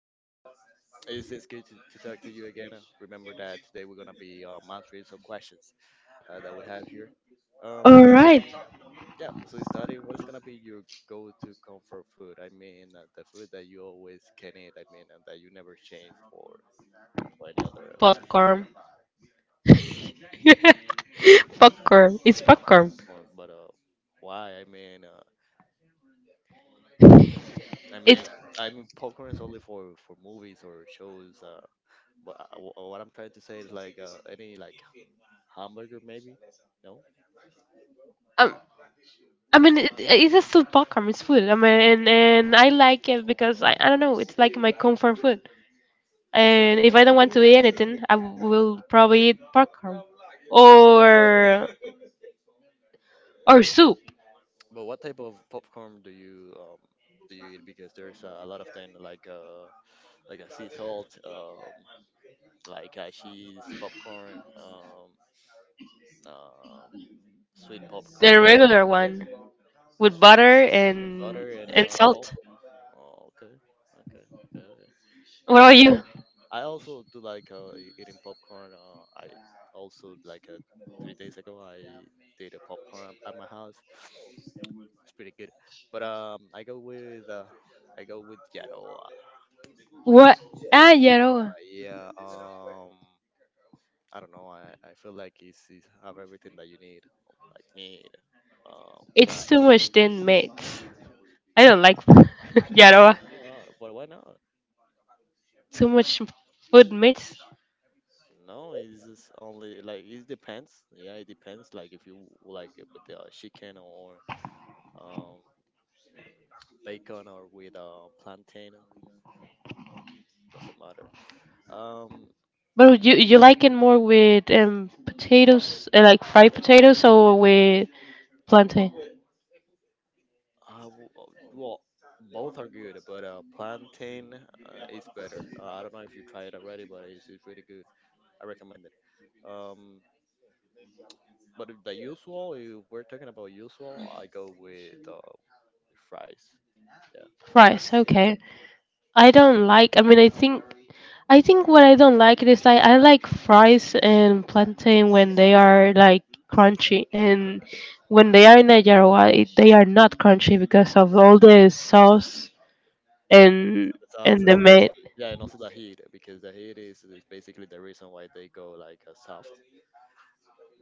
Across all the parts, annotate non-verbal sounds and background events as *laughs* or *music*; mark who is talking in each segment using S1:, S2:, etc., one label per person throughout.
S1: um, it's, it's good to talk to you again. Remember that today we're gonna be answering some questions that we have here.
S2: All
S1: Um,
S2: right,
S1: yeah. So, starting, what is gonna be your go-to comfort food? I mean, the food that you always can eat. I mean, and that you never change for any other
S2: popcorn. *laughs* popcorn. It's popcorn.
S1: form. But why? I
S2: It's.
S1: mean, I mean, popcorn is only for movies or shows. What I'm trying to say is like any like hamburger maybe? No.
S2: Um, it's a still popcorn. It's food. I mean, and I like it because I don't know. It's like my comfort food. And if I don't want to eat anything, I will probably eat popcorn or or soup,
S1: But what type of popcorn do you eat? Because there's a lot of things like a sea salt, like cheese popcorn, um uh, sweet
S2: the
S1: popcorn,
S2: regular one with butter and
S1: butter and
S2: and salt.
S1: salt. Oh okay, okay, okay, okay.
S2: What about
S1: Yeah,
S2: you?
S1: I also do like eating popcorn. I also like 3 days ago I did a popcorn at my house. It's pretty good. But I go with Yaroa.
S2: What? Ah, Yaroa.
S1: Yeah. I don't know. I feel like he's have everything that you need, like meat, fry.
S2: It's too much thin meats. I don't like *laughs* Yaroa.
S1: But why not?
S2: Too much food meats.
S1: No, it's just only like it depends. Yeah, it depends. Like if you like it with the chicken or um bacon or with plantain, doesn't matter. Um,
S2: But you like it more with potatoes, like fried potatoes, or with plantain
S1: Uh w- uh, well, both are good, but plantain is better. I don't know if you tried it already, but it's really good. I recommend it. Um, but if the usual, if we're talking about usual, I go with fries. Yeah,
S2: fries?
S1: yeah.
S2: Okay. I don't like. I mean, I think what I don't like is I like fries and plantain when they are like crunchy and when they are in Nicaragua it, they are not crunchy because of all the sauce and
S1: The
S2: and
S1: sauce
S2: the
S1: and
S2: meat.
S1: also, yeah, and also the heat because the heat is basically the reason why they go like soft.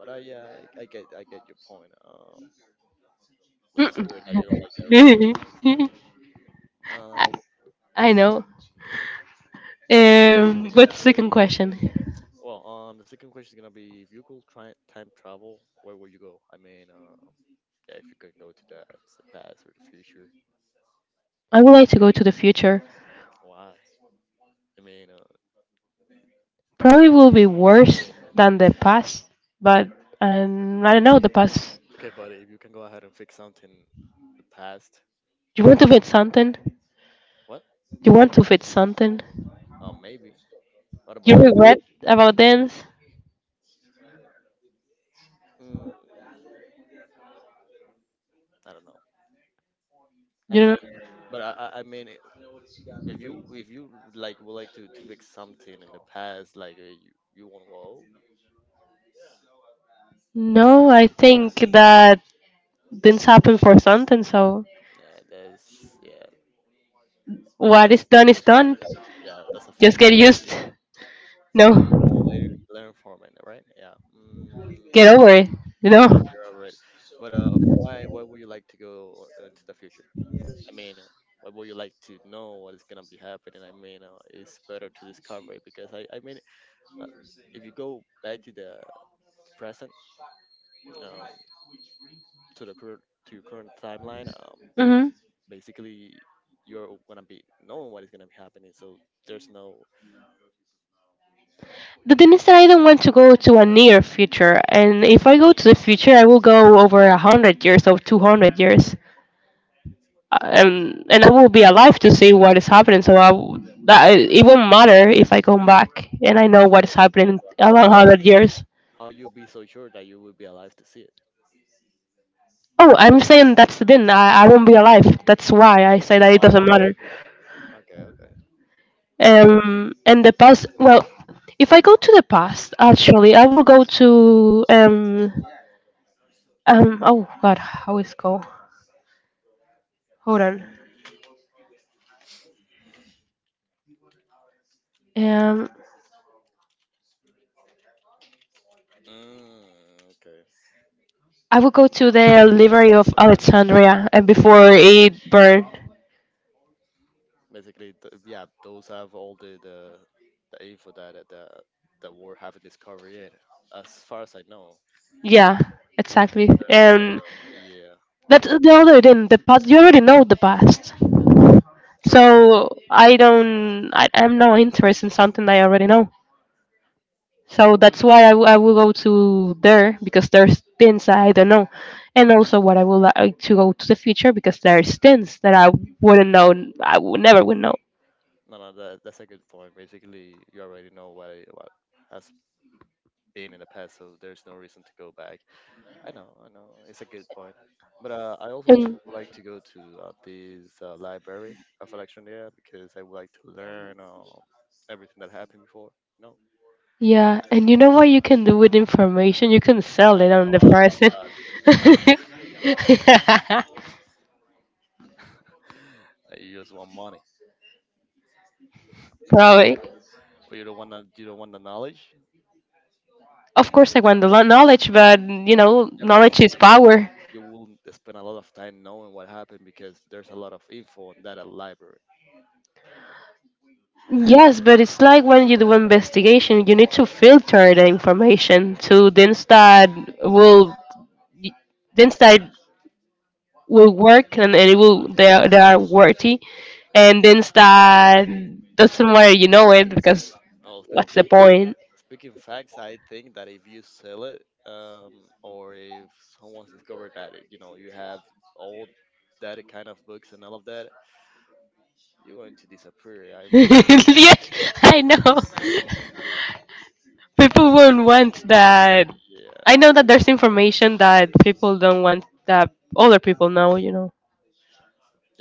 S1: But yeah, I get I get your point. But that's
S2: Mm-mm.
S1: weird that you don't like that.
S2: *laughs*
S1: Right?
S2: I, I know. What's the second question?
S1: Well, the second question is gonna be if you could try time travel, where would you go? I mean, yeah, if you could go to that the past or the future,
S2: I would like to go to the future.
S1: why? I mean, uh,
S2: Probably will be worse than the past, but I don't know the past.
S1: okay, but if you can go ahead and fix something in the past,
S2: You want to fit something?
S1: what?
S2: You want to fit something?
S1: Maybe. What
S2: You
S1: about you?
S2: regret about dance?
S1: Mm, I don't know.
S2: You
S1: I
S2: know?
S1: mean, but if you like would like to fix something in the past, like you you want to go,
S2: No, I think that things happen for something. So
S1: yeah, that's
S2: what
S1: that,
S2: is done is done.
S1: yeah, that's a
S2: Just
S1: fact.
S2: get used. No.
S1: Oh, learn learn from it, right? Yeah.
S2: Get over it, you know?
S1: Correct. You're all right. But why would you like to go to the future? I mean, why would you like to know what is gonna be happening? I mean, it's better to discover it because uh, if you go back to the present, um, to the current to your current timeline,
S2: hmm
S1: basically you're gonna be knowing what is gonna be happening. So there's no
S2: The thing is that I don't want to go to a near future, and if I go to the future, I will go over 100 years or 200 years. And I will be alive to see what is happening. So I, w- that it won't matter if I come back and I know what is happening around
S1: how
S2: 100 years.
S1: how you be so sure that you will be alive to see it.
S2: Oh, I'm saying that's the thing. I won't be alive. That's why I say that it doesn't
S1: Oh,
S2: matter.
S1: okay, okay.
S2: And the past. Well, if I go to the past, actually, I will go to. Oh God, how is it called? Hold on. Um,
S1: Okay.
S2: I will go to the library of Alexandria and before it burned.
S1: Basically, yeah, those have all the info that we haven't discovered yet. As far as I know,
S2: Yeah, exactly.
S1: there's a lot
S2: And
S1: of, yeah,
S2: that's the other thing. The past you already know the past,
S1: correct.
S2: so I don't. I, I'm not interested in something that I already know. So that's why I, w- I will go to there because there's things that I don't know, and also what I would like to go to the future because there's things that I wouldn't know. I would never would know.
S1: No, no, that's a good point. Basically, you already know what has been in the past, so there's no reason to go back. I know, it's a good point. But
S2: And
S1: would like to go to this library of Electronia because I would like to learn everything that happened before. No.
S2: yeah, and you know what you can do with information? You can sell
S1: Yeah,
S2: it on
S1: no,
S2: the
S1: no,
S2: person. *laughs*
S1: I, you just want money.
S2: Probably.
S1: Or you don't want you don't want the knowledge.
S2: Of course, I want the lo- knowledge, but you know,
S1: Yeah, but
S2: knowledge is power.
S1: you will spend a lot of time knowing what happened because there's a lot of info on that at library.
S2: Yes, but it's like when you do investigation, you need to filter the information to will things that will work and it will they are worthy, and things that doesn't matter. You know it because
S1: Well,
S2: what's the
S1: speaking,
S2: point?
S1: speaking facts, I think that if you sell it, or if someone's discovered that it, you know you have all that kind of books and all of that, you're going to disappear.
S2: *laughs*
S1: I mean,
S2: yes, I know. *laughs* people won't want that. I know
S1: yeah,
S2: that there's information that people don't want that other people know. You know.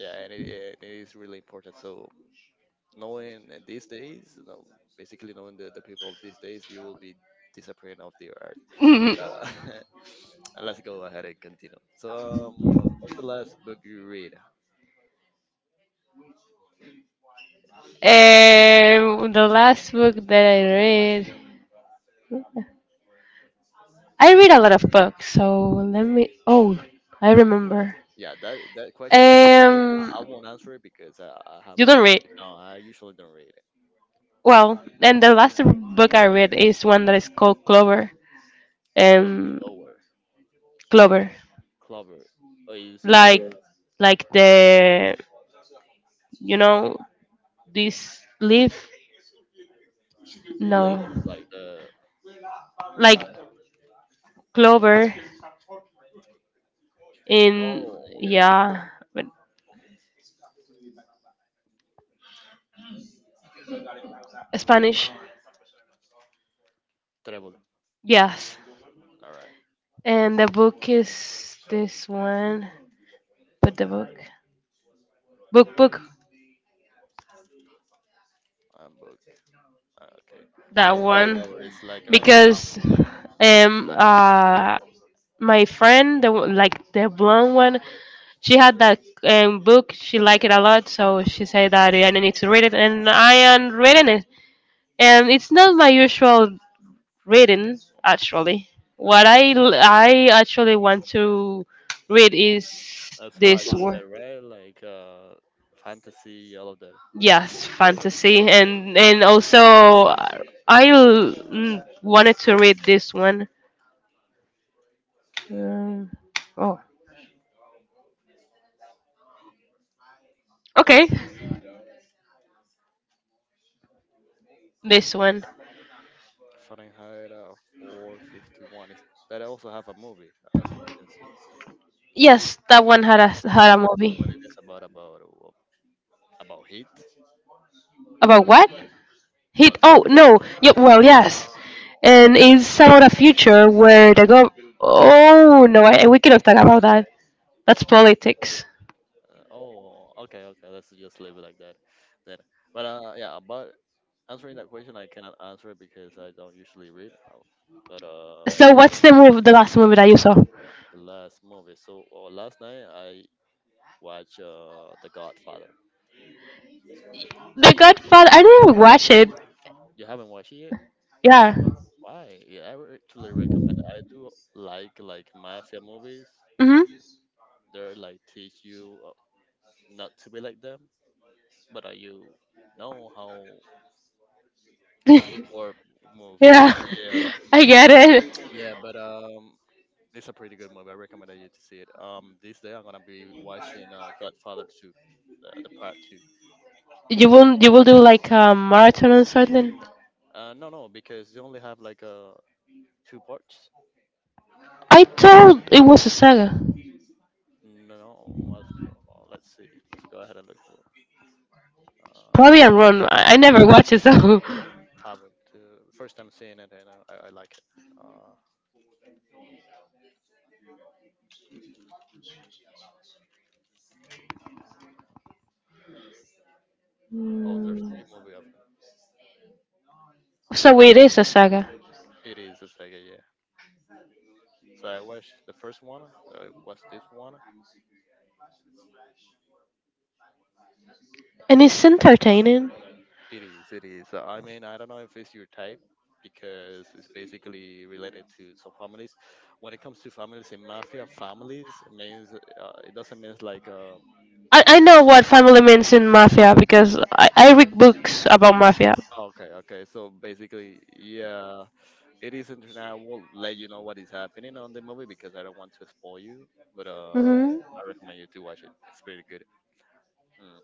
S1: yeah, and it is really important. So knowing these days, you know, basically knowing the people of these days, you will be disappearing off the earth.
S2: *laughs* um,
S1: Uh, *laughs* and let's go ahead and continue. So, what's the last book you read?
S2: the last book that I read a lot of books. So let me. Oh, I remember.
S1: Yeah, that that question for you,
S2: Um,
S1: I won't answer it because I
S2: you
S1: haven't.
S2: don't read.
S1: No, I usually don't read it.
S2: Well, and the last book I read is one that is called Clover.
S1: Clo-
S2: Um,
S1: Clover,
S2: Clover,
S1: Clover. Oh, is
S2: like, like the, you know, this leaf.
S1: the
S2: No.
S1: leaf, like the.
S2: Like clover in
S1: Oh, okay.
S2: yeah, but Spanish.
S1: Treble.
S2: Yes.
S1: All right.
S2: And the book is this one. But the book,
S1: I'm book. Okay.
S2: that
S1: Oh,
S2: one,
S1: Clover. It's like a rock.
S2: because um uh my friend the one- like the blonde one, she had that book. She liked it a lot, so she said that "Yeah, I need to read it, and I am reading it. And it's not my usual reading actually. What I l- I actually want to read is
S1: That's why
S2: this
S1: you
S2: one.
S1: said, right? Like fantasy, all of that.
S2: Yes, fantasy, and also I l- wanted to read this one. Uh, oh, okay, this one.
S1: Fahrenheit 451. That also have a movie, as far I can see.
S2: Yes, that one had a had
S1: What
S2: a
S1: about
S2: movie
S1: what it is about heat?
S2: about what? Hit.
S1: About
S2: Oh no. Yeah, well, yes, and it's about a future where the go. Oh no, I, we cannot talk about that. That's politics.
S1: oh, okay, okay. Let's just leave it like that then. But yeah, about answering that question, I cannot answer it because I don't usually read. But
S2: So what's the movie? The last movie that you saw? The
S1: the last movie. So last night I watched The Godfather. Yeah,
S2: Godfather. I didn't even watch it.
S1: you haven't watched it yet?
S2: Yeah.
S1: Why? Yeah, I would actually recommend. I do like mafia movies.
S2: Mhm.
S1: They're like teach you not to be like them, but you know how or
S2: *laughs*
S1: move. You
S2: yeah.
S1: yeah,
S2: I get it.
S1: yeah. But it's a pretty good movie. I recommend that you to see it. This day I'm gonna be watching Godfather two, the part two.
S2: You will. You will do like a marathon or something.
S1: No, no, because they only have like two parts.
S2: I thought it was a saga.
S1: No, let's see. Let's go ahead and look for. uh,
S2: Probably I'm wrong. I never watched it, so. *laughs*
S1: haven't. First time seeing it, and I like it. Uh, oh, there's
S2: Mm.
S1: three movie of them.
S2: So it is a saga,
S1: It is a Sega, yeah. So I watched the first one. What's this one?
S2: and it's entertaining.
S1: It is. It is. I mean, I don't know if it's your type because it's basically related to some families. When it comes to families in mafia, families means it doesn't mean like
S2: I know what family means in mafia because I read books about mafia. Oh, it
S1: okay, okay. So basically, yeah. It isn't, and I will
S2: like
S1: let you know what is happening on the movie because I don't want to spoil you. But
S2: hmm.
S1: I recommend you to watch it. It's pretty good. Mm.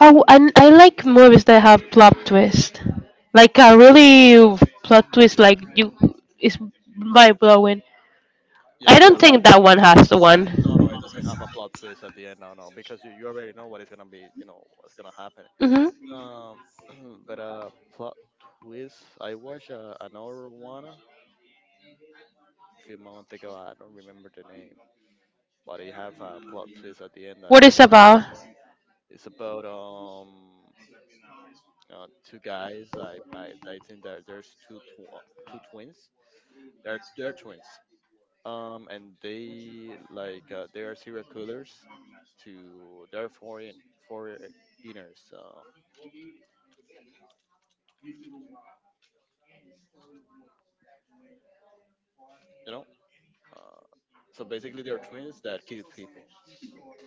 S2: Oh, and I like movies that have plot twist, like a really plot twist, like you is mind blowing.
S1: Yeah,
S2: I
S1: la-
S2: don't think that one has the one.
S1: no, no, it doesn't have a plot twist at the end. No, no, because you already know what is gonna be. You know what's gonna happen.
S2: Mhm.
S1: *clears throat* But plot twist. I watched another one a few months ago. I don't remember the name, but it have a plot twist at the end that
S2: What
S1: is.
S2: is about?
S1: It's about two guys. I think that there's two twins. They're twins. And they like they are serial killers. To they're foreigners. Uh, you know. Uh, so basically, they're twins that kill people,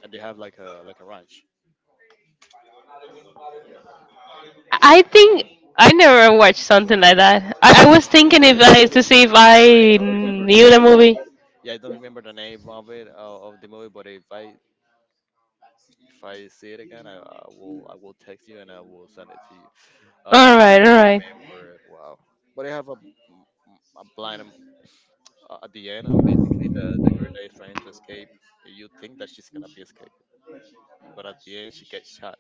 S1: and they have like a ranch.
S2: I think I never watched something like that. I was thinking
S1: Is
S2: if
S1: it-
S2: I to see if
S1: I
S2: I
S1: don't remember the
S2: knew the
S1: name.
S2: movie.
S1: Yeah, I
S2: Yeah,
S1: don't remember the name of it of the movie. But if I see it again, I will text you and I will send it to you. Um,
S2: all right, all right.
S1: for it, wow. But I have a, a blind at the end, basically the girl that is trying to escape, you think that she's gonna be escaping, but at the end she gets shot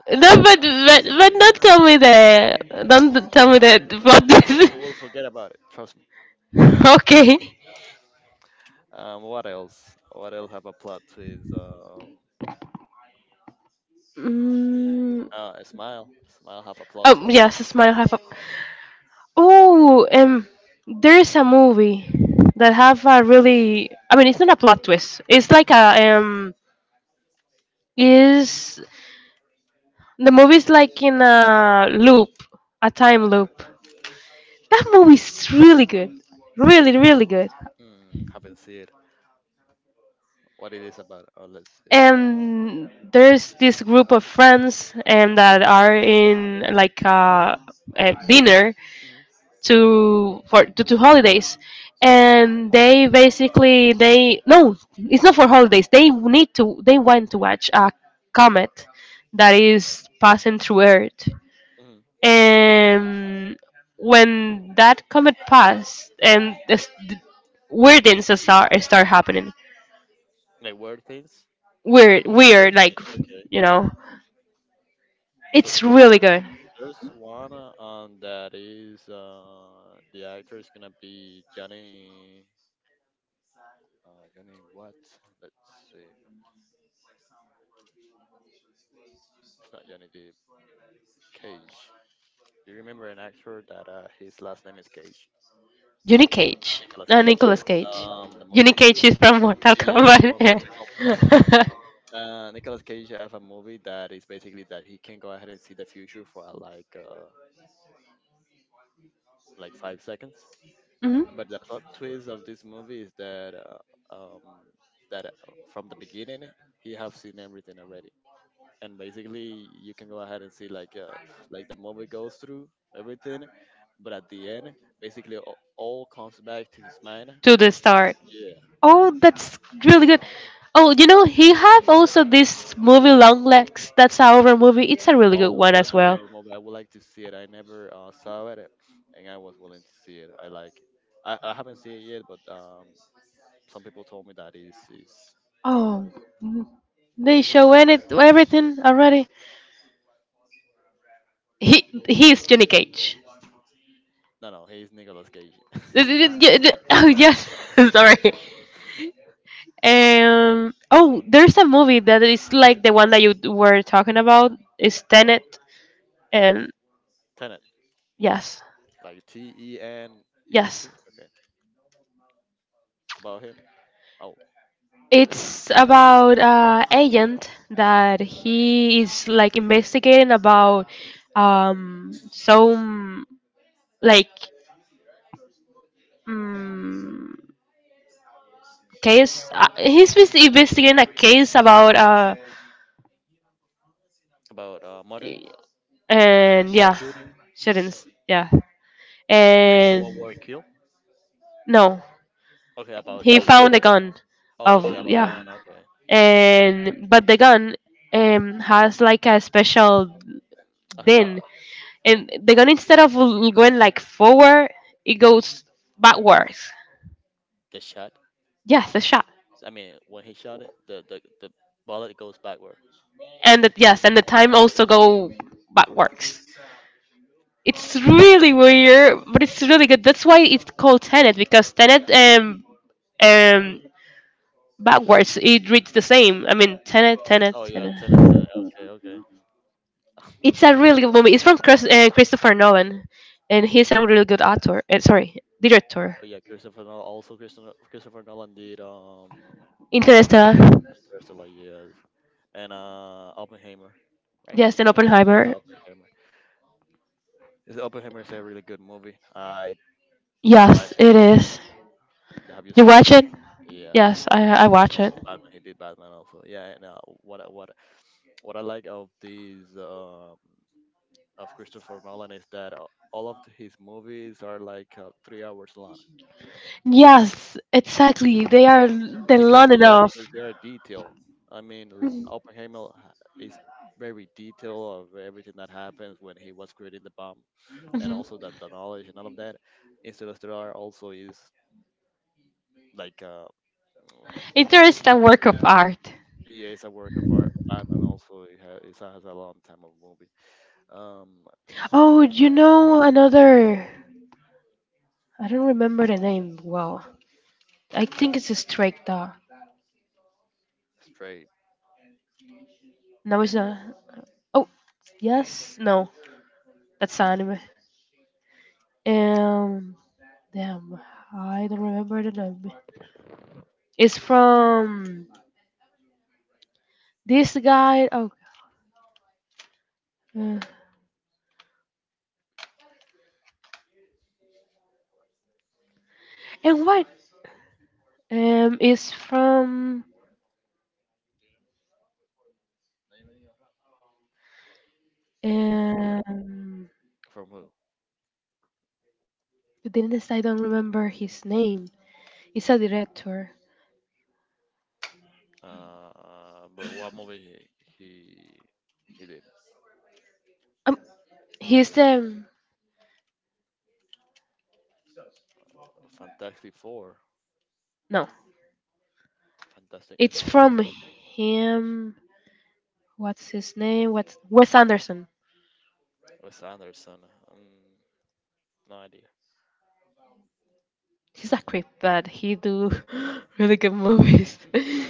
S1: at the
S2: No,
S1: head.
S2: but don't tell me that. Don't tell me that about
S1: No,
S2: this.
S1: you will forget about it. Trust me.
S2: *laughs* okay.
S1: What else? What else have a plot twist?
S2: Mm,
S1: A smile, smile have a plot twist.
S2: yes, smile half. Hyper. Oh, there's a movie that have a really. I mean, it's not a plot twist. It's like a. Is the movie's like in a loop, a time loop. That movie's really good, really really good.
S1: Hmm, haven't seen it. What it is about? Oh, let's see.
S2: And there's this group of friends and that are in like a dinner,
S1: hmm
S2: to for to, to holidays and they basically they no it's not for holidays they need to they want to watch a comet that is passing through earth
S1: hmm
S2: and when that comet passed and this, the weird things start happening
S1: Like word things.
S2: weird
S1: Okay,
S2: weird like
S1: okay.
S2: you know
S1: So,
S2: it's really good.
S1: there's one that is the actor is gonna be Johnny Johnny what? Let's see. It's not Johnny Depp. Cage. Do you remember an actor that his last name is Cage?
S2: Cage.
S1: Nicolas Cage.
S2: Nicolas Cage. Nicolas Cage.
S1: The movie
S2: Cage is from Mortal
S1: yeah, it's a
S2: Kombat. *laughs*
S1: more
S2: yeah.
S1: *laughs* Nicolas Cage have a movie that is basically that he can go ahead and see the future for
S2: *laughs*
S1: like 5 seconds.
S2: hmm
S1: But the plot twist of this movie is that um, that uh, from the beginning he have seen everything already, and basically you can go ahead and see like the movie goes through everything, but at the end, basically all comes back to his mind.
S2: to the start.
S1: Yeah.
S2: Oh, that's really good. Oh, you know, he have also this movie Long Legs. That's our movie. It's a really good
S1: Oh,
S2: one as
S1: that's a
S2: well.
S1: horror movie. I would like to see it. I never saw it, and I was willing to see it. I like it. I haven't seen it yet, but some people told me that is
S2: Oh, mm, they show any everything already. He he's Johnny Cage.
S1: no no he's Nicolas Cage.
S2: *laughs* Oh yes, *laughs* sorry.
S1: *laughs*
S2: Oh, there's a movie that is like the one that you were talking about. Is Tenet, and
S1: Tenet.
S2: yes,
S1: Like T E N E
S2: yes.
S1: T. Okay. About him. Oh,
S2: It's about agent that he is like investigating about some like. mm case. He's bes- investigating a case about
S1: about murder.
S2: and
S1: About
S2: yeah,
S1: shooting.
S2: shootings. Yeah,
S1: Like no
S2: and
S1: one were killed.
S2: no,
S1: Okay, about
S2: he
S1: shooting.
S2: found a gun
S1: Oh,
S2: of
S1: okay, about
S2: yeah,
S1: gun. Okay.
S2: and but the gun has like a special din,
S1: About
S2: and the gun instead of l- going like forward, it goes backwards.
S1: the shot.
S2: Yes, the shot,
S1: I mean, when he shot it, the bullet goes backward.
S2: and the, yes, and the time also go backwards. It's really weird, but it's really good. That's why it's called Tenet because Tenet um backwards it reads the same. I mean Tenet, Tenet,
S1: Oh yeah,
S2: Tenet.
S1: Tenet, Tenet. Okay, okay. *laughs*
S2: It's a really good movie. It's from Christopher Nolan, and he's a really good author. Sorry, director.
S1: But yeah, Christopher Nolan. Also, Christopher Nolan did
S2: Interstellar.
S1: Interstellar, yes, and Oppenheimer, right?
S2: Yes, and
S1: Yeah, yeah,
S2: Oppenheimer.
S1: Oppenheimer. Is Oppenheimer is a really good movie. I watched.
S2: Yes, it is.
S1: It. Have you
S2: You
S1: seen it?
S2: watch it?
S1: Yeah.
S2: Yes, I
S1: And
S2: watch
S1: also
S2: it.
S1: Batman. He did Batman also. Yeah. And what I- what what I like of these of Christopher Nolan is that all of his movies are like 3 hours long.
S2: Yes, exactly. They are they
S1: Because
S2: learn
S1: yeah,
S2: enough.
S1: because they are detailed. I mean, Oppenheimer is very detailed of everything that happens when he was creating the bomb, and
S2: Mhm.
S1: also the knowledge and all of that. Interstellar also is like.
S2: Interest work of art.
S1: Yeah, it's a work of art. Batman also it has a long time of movie. Um,
S2: Oh, you know another. I don't remember the name well. I think it's a straight dog.
S1: straight
S2: No, it's not. Oh, yes. No, that's anime. Um, damn, I don't remember the name. It's from this guy. Oh, uh, and what? It's from um
S1: from who?
S2: to be I don't remember his name. He's a director.
S1: Uh, but what movie he he, he did?
S2: Um, he's the
S1: Fantastic Four.
S2: no.
S1: Fantastic
S2: It's
S1: Mr.
S2: from
S1: Four.
S2: him. What's his name? What's Wes Anderson?
S1: Wes Anderson. Um, no idea.
S2: He's a creep, but he do *gasps* *laughs* really good movies.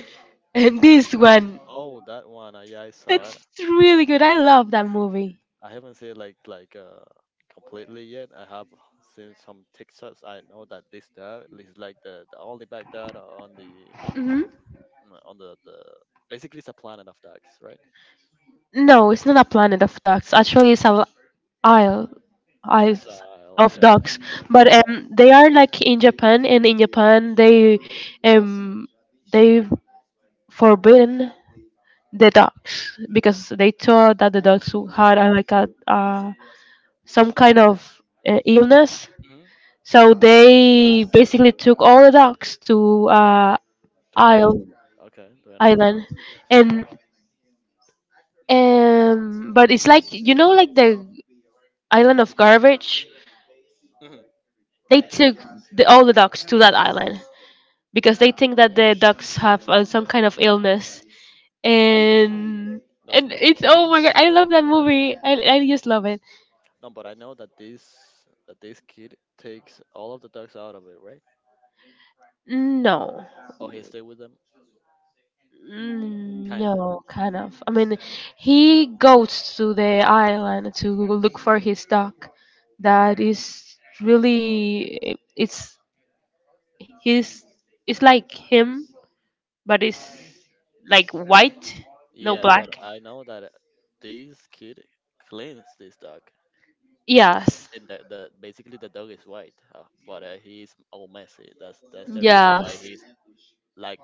S2: *laughs* And this one,
S1: Oh, that one. Yeah, I saw it.
S2: that's really good. I love that movie.
S1: I haven't seen it like completely yet. I have seen some TikToks. I know that this that is like the only back that on the
S2: Mhm.
S1: on the basically it's a planet of ducks, right?
S2: No, it's not a planet of ducks. Actually, it's a l- isle,
S1: It's a
S2: isles
S1: isle,
S2: of
S1: okay.
S2: ducks.
S1: That's
S2: But
S1: that.
S2: they are like in Japan, and in Japan they um they forbidden the ducks because they thought that the ducks who had like a some kind of illness.
S1: Hmm?
S2: So they basically took all the ducks to isle
S1: 29. Okay, 29.
S2: island and. But it's like you know, like the island of garbage.
S1: Hmm
S2: They took the, all the ducks to that island because they think that the ducks have some kind of illness. And
S1: That's
S2: and
S1: cool.
S2: it's oh my god, I love that movie. I just love it.
S1: No, but I know that this kid takes all of the ducks out of it, right?
S2: No.
S1: Oh, he stay with them?
S2: Mm,
S1: Kinda.
S2: no, kind of. I mean, he goes to the island to look for his dog. That is really, it's he's it's like him, but it's like white, no
S1: Yeah, but
S2: black.
S1: I know that this kid cleans this dog.
S2: Yes.
S1: And the basically the dog is white, but he's all messy. That's the reason why
S2: Yes.
S1: he's like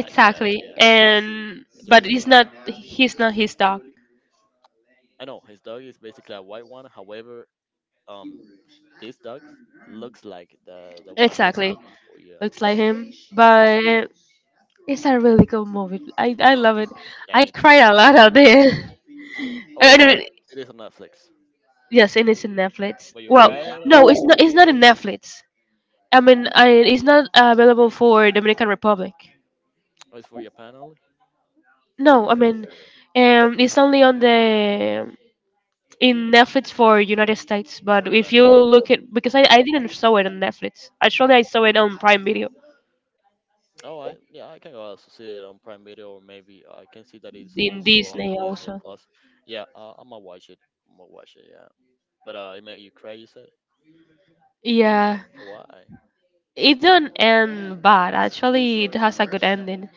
S1: like that. Yeah,
S2: And
S1: it's
S2: but
S1: dirty.
S2: it's not he's not his dog.
S1: I know his dog is basically a white one. However, um, this dog looks like the one he's
S2: Exactly.
S1: looking for. Yeah,
S2: Looks like him. But it's a really good movie. I love it.
S1: and
S2: I
S1: it's
S2: cried a lot out there. *laughs*
S1: oh,
S2: I
S1: it,
S2: do
S1: it is on Netflix.
S2: yes, and it's in Netflix.
S1: But you
S2: Well,
S1: cry it
S2: no, it's not in Netflix. I mean, I, it's not available for Dominican Republic.
S1: or it's for your panel or
S2: No,
S1: it's
S2: I mean, it's only on the in Netflix for United States. But
S1: for
S2: if
S1: United.
S2: you look at because I didn't saw it on Netflix. Actually, I saw it on Prime Video
S1: Oh, I yeah, I can also see it on Prime Video or maybe I can see that it's
S2: in
S1: also on
S2: Disney
S1: Disney
S2: also.
S1: Plus. Yeah, I'm gonna watch it. I'm gonna watch it. Yeah, but it made you cry. You said
S2: Yeah,
S1: why?
S2: it don't end bad. Actually, it has a good ending,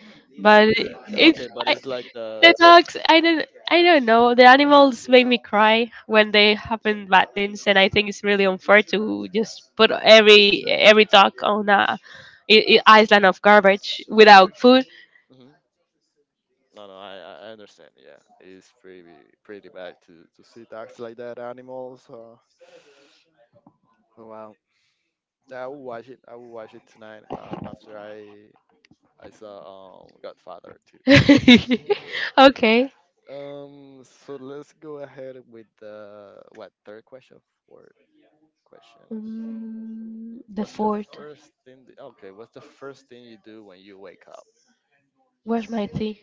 S1: Has
S2: but
S1: a good idea.
S2: it's
S1: Okay, but
S2: I,
S1: it's like
S2: the
S1: the.
S2: dogs. I don't. I don't know. The animals make me cry when they happen bad things, and I think it's really unfair to just put every dog on a island of garbage without food.
S1: Mhm. No, no, I understand. Yeah, it's pretty pretty bad to see dogs like that, animals. Oh, wow, I will watch it. I will watch it tonight. After I saw Godfather too.
S2: *laughs*
S1: Yeah.
S2: Okay.
S1: So let's go ahead with the what third question, fourth question.
S2: Mm, the
S1: What's the
S2: fourth.
S1: first thing? Okay. What's the first thing you do when you wake up?
S2: Where's my tea?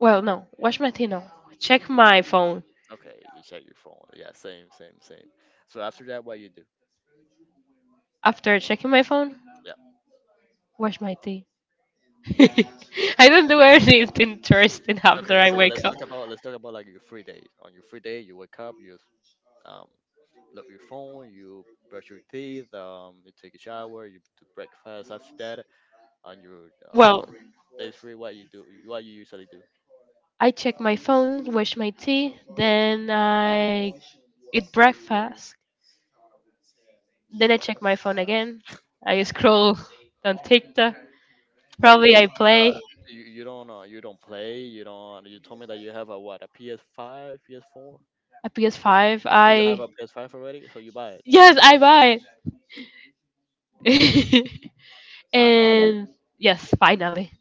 S2: Well, no. Wash my thing. No. Check my phone.
S1: Okay, you check your phone. Yeah, same, same, same. So after that, what you do?
S2: After checking my phone,
S1: Yeah.
S2: wash my teeth. *laughs* I don't do anything interesting after
S1: Okay,
S2: I
S1: so
S2: wake up.
S1: let's talk about like your free day. On your free day, you wake up, you um look at your phone, you brush your teeth, you take a shower, you do breakfast. After that, on your days free, what you do? What you usually do?
S2: I check my phone, wash my tea, then I check my phone again, I scroll on TikTok.
S1: But you,
S2: Probably I
S1: but
S2: play.
S1: you, you don't play. You don't. You told me that you have a what a PS five, PS four.
S2: A PS5.
S1: Or You have
S2: I
S1: a PS five already, so you buy it
S2: yes, I buy it. *laughs*
S1: finally.
S2: And yes, finally.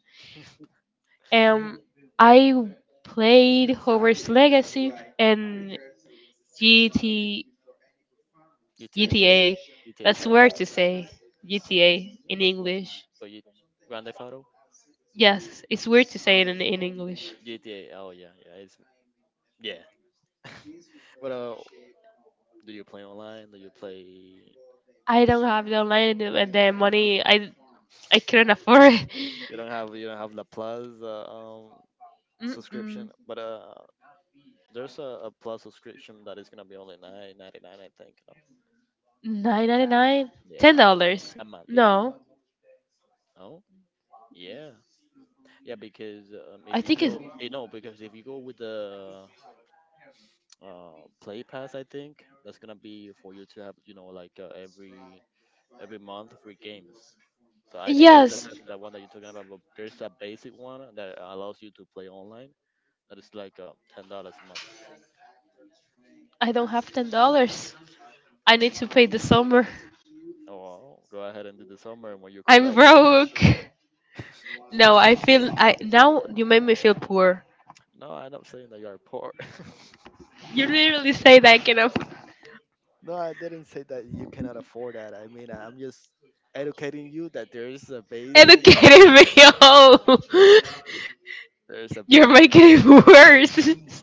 S2: Um,
S1: *laughs*
S2: I played Hogwarts Legacy and GT, GTA.
S1: GTA,
S2: That's
S1: Five,
S2: weird to say GTA in
S1: but
S2: English.
S1: but you Grand Theft Auto,
S2: Yes, it's weird to say it in English.
S1: GTA. Oh yeah, yeah, it's yeah. *laughs* What do you play online? Do you play?
S2: I don't have the online and the money. I couldn't afford it. *laughs*
S1: You don't have the Plus subscription,
S2: Mm-mm.
S1: but there's a Plus subscription that is gonna be only 9.99, I think. No?
S2: 9.99? Ten
S1: Yeah,
S2: dollars?
S1: a month. Yeah.
S2: No,
S1: Oh, yeah. Yeah, because
S2: I
S1: if you
S2: think it's.
S1: go, because if you go with the play pass. I think that's gonna be for you to have, you know, like every month free games. So I think that's
S2: Yes,
S1: that one that you're talking about. But there's a basic one that allows you to play online. That is like $10 a month.
S2: I don't have $10. I need to pay the summer. *laughs*
S1: Oh, go ahead and do the summer, and when you come
S2: I'm
S1: back. *laughs*
S2: broke. No, I feel I now you made me feel poor.
S1: No, I'm not saying that you are poor. *laughs*
S2: You literally say that I cannot.
S1: No, I didn't say that you cannot afford that. I mean, I'm just educating you that there is a basic
S2: Educated *laughs* me. Oh,
S1: There's a
S2: you're
S1: basic,
S2: making it worse.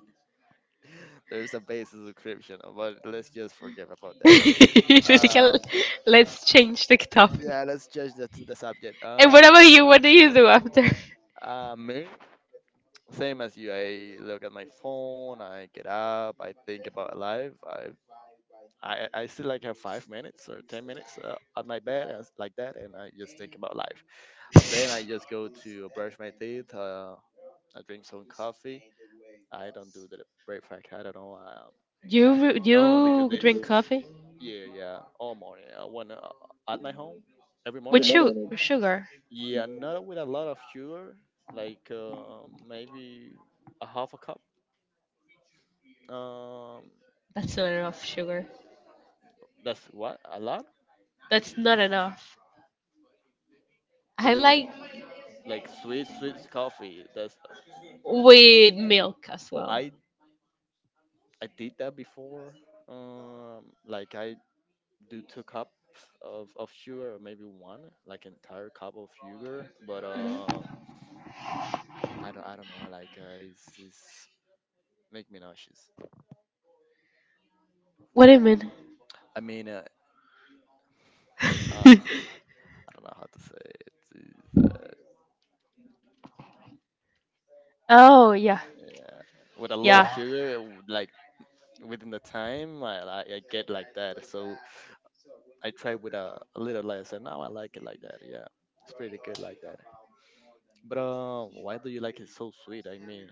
S1: *laughs* there's a basic description, but let's just forget about that.
S2: *laughs* Let's change the topic.
S1: Yeah, let's judge the subject.
S2: And what about you? What do you do after?
S1: Me, same as you. I look at my phone. I get up. I think about life. I I still like have 5 minutes or 10 minutes on my bed and like that, and I just think about life. And then I just go to brush my teeth. I drink some coffee. I don't do the breakfast. I don't know.
S2: You
S1: No, because
S2: you
S1: it's
S2: drink coffee
S1: yeah, yeah, all morning. When at my home, every
S2: with
S1: morning I need
S2: sugar.
S1: yeah, not with a lot of sugar, like maybe a half a cup. Um,
S2: That's not enough sugar.
S1: that's what a lot.
S2: That's not enough.
S1: So
S2: I
S1: you
S2: like
S1: like sweet, sweet coffee. That's
S2: with milk as
S1: well,
S2: well.
S1: I did that before. Like I do two cups of sugar, or maybe one, like entire cup of sugar. But I don't know. Like it's make me nauseous.
S2: What do you mean?
S1: I mean,
S2: An *laughs*
S1: I don't know how to say it. It's,
S2: oh yeah,
S1: yeah, with a lot of sugar, it would, like within the time, I get like that. So I try with a little less, and now I like it like that. Yeah, it's pretty good like that. But why do you like it so sweet? I mean,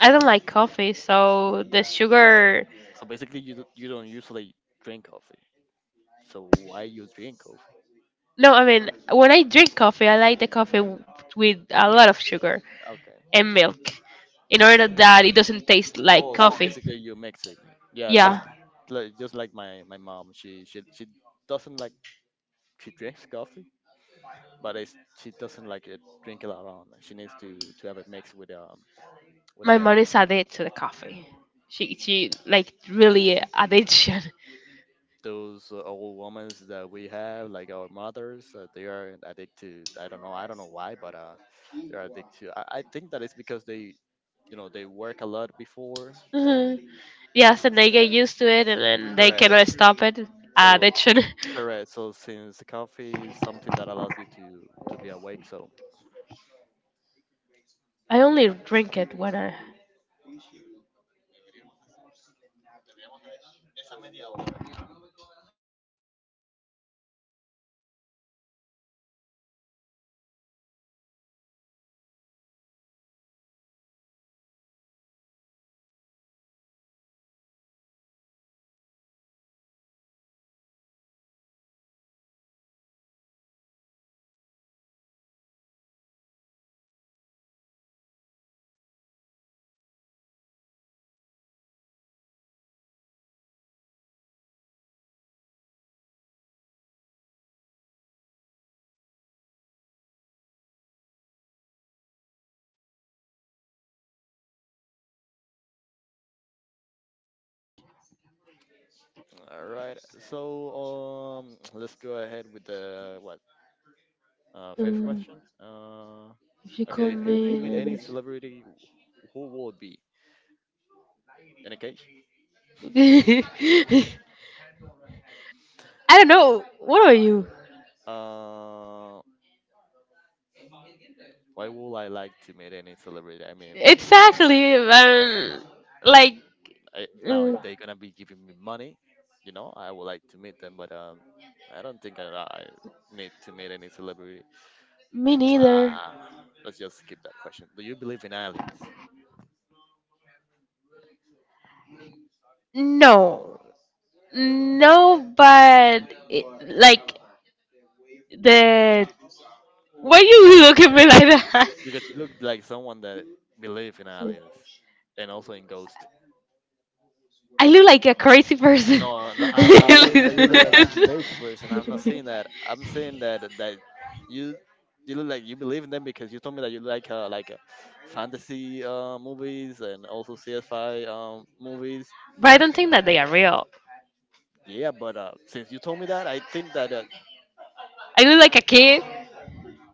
S2: don't like coffee, so the sugar.
S1: basically, you don't usually drink coffee, so why you drink coffee?
S2: No, I mean, when I drink coffee, I like the with a lot of sugar
S1: Okay.
S2: and milk in order that it doesn't taste like
S1: Oh, so
S2: coffee.
S1: basically you mix it. Yeah,
S2: Yeah,
S1: just like my mom. She doesn't like she drinks coffee, but it's, she doesn't like it drink it alone. She needs to have it mixed with
S2: my
S1: milk.
S2: mom is addicted to the coffee. She like really addiction.
S1: Those old women that we have, like our mothers, they are addicted to. I don't know. I don't know why, but they're addicted to. I think that it's because they, you know, they
S2: *laughs*
S1: work a lot before and
S2: Mhm. Yes, and they get used to it, and then they
S1: correct.
S2: cannot stop it.
S1: So
S2: They should. *laughs*
S1: correct. So since the coffee is something that allows you to be awake, so
S2: I only drink it when I.
S1: all right. So um, let's go ahead with the what fifth
S2: Mm,
S1: question.
S2: if you call
S1: Okay, if you
S2: me,
S1: could meet
S2: then
S1: any
S2: it's—
S1: celebrity, who would it be? In a case,
S2: *laughs* I don't know. What are you?
S1: uh, why would I like to meet any celebrity? I mean,
S2: Exactly. Like,
S1: I, now if
S2: mm,
S1: they're gonna be giving me money, you know, I would like to meet them, but I don't think I need to meet any celebrity.
S2: me neither.
S1: Ah, let's just skip that question. Do you believe in aliens?
S2: No. No, but, it, like, the. Why you look at me like that?
S1: Because you look like someone that believe in aliens
S2: *laughs*
S1: and also in ghosts.
S2: I look like a crazy person.
S1: No,
S2: *laughs*
S1: no, I'm not
S2: But
S1: saying that you look like a crazy person. I'm not saying that. I'm saying that that you you look like you believe in them because you told me that you like fantasy movies and also CSI movies.
S2: I don't think that they are real.
S1: Yeah, but since you told me that, I think that
S2: I look like a kid.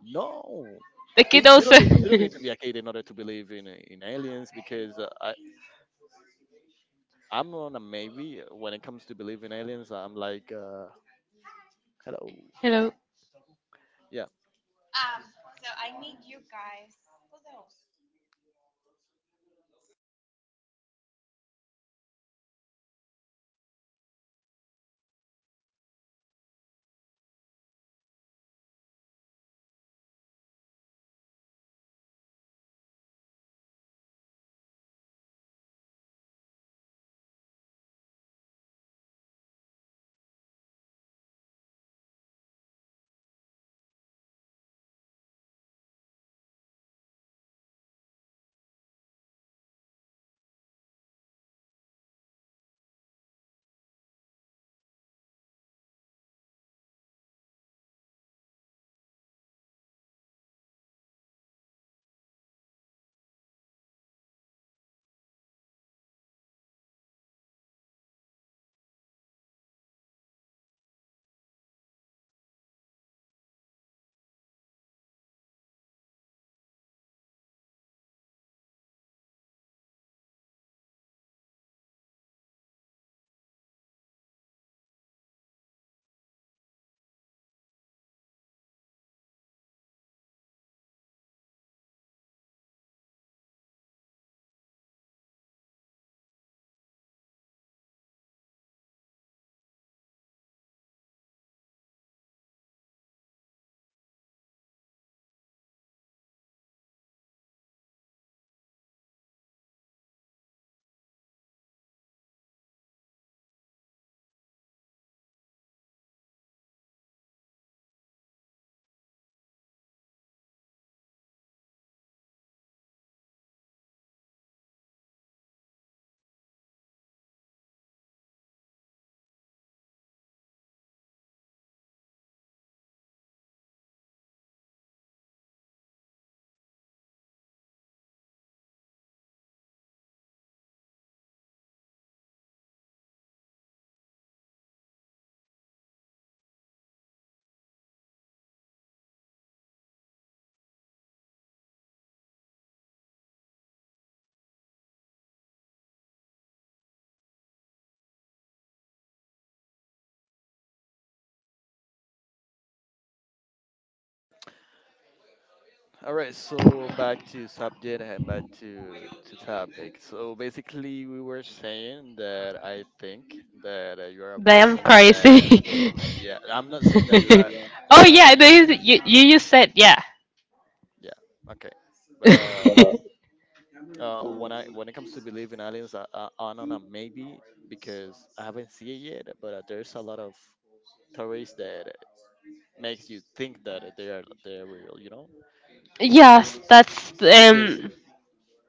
S1: no,
S2: The kid also.
S1: you don't need to be
S2: *laughs*
S1: a kid in order to believe in aliens because I I'm on a maybe when it comes to believe in aliens. I'm like hello.
S2: Hello.
S1: Yeah, All right, so back to subject and back to topic. So basically, we were saying that I think that you are a
S2: Damn
S1: person that
S2: crazy.
S1: yeah. I'm not saying
S2: *laughs*
S1: that
S2: Oh
S1: you are
S2: yeah,
S1: actually
S2: there is, you just said yeah.
S1: yeah okay, but
S2: *laughs*
S1: when I when it comes to believe in aliens, I don't know maybe because I haven't seen it yet, but there's a lot of theories that makes you think that they are they're real,
S2: Yes, that's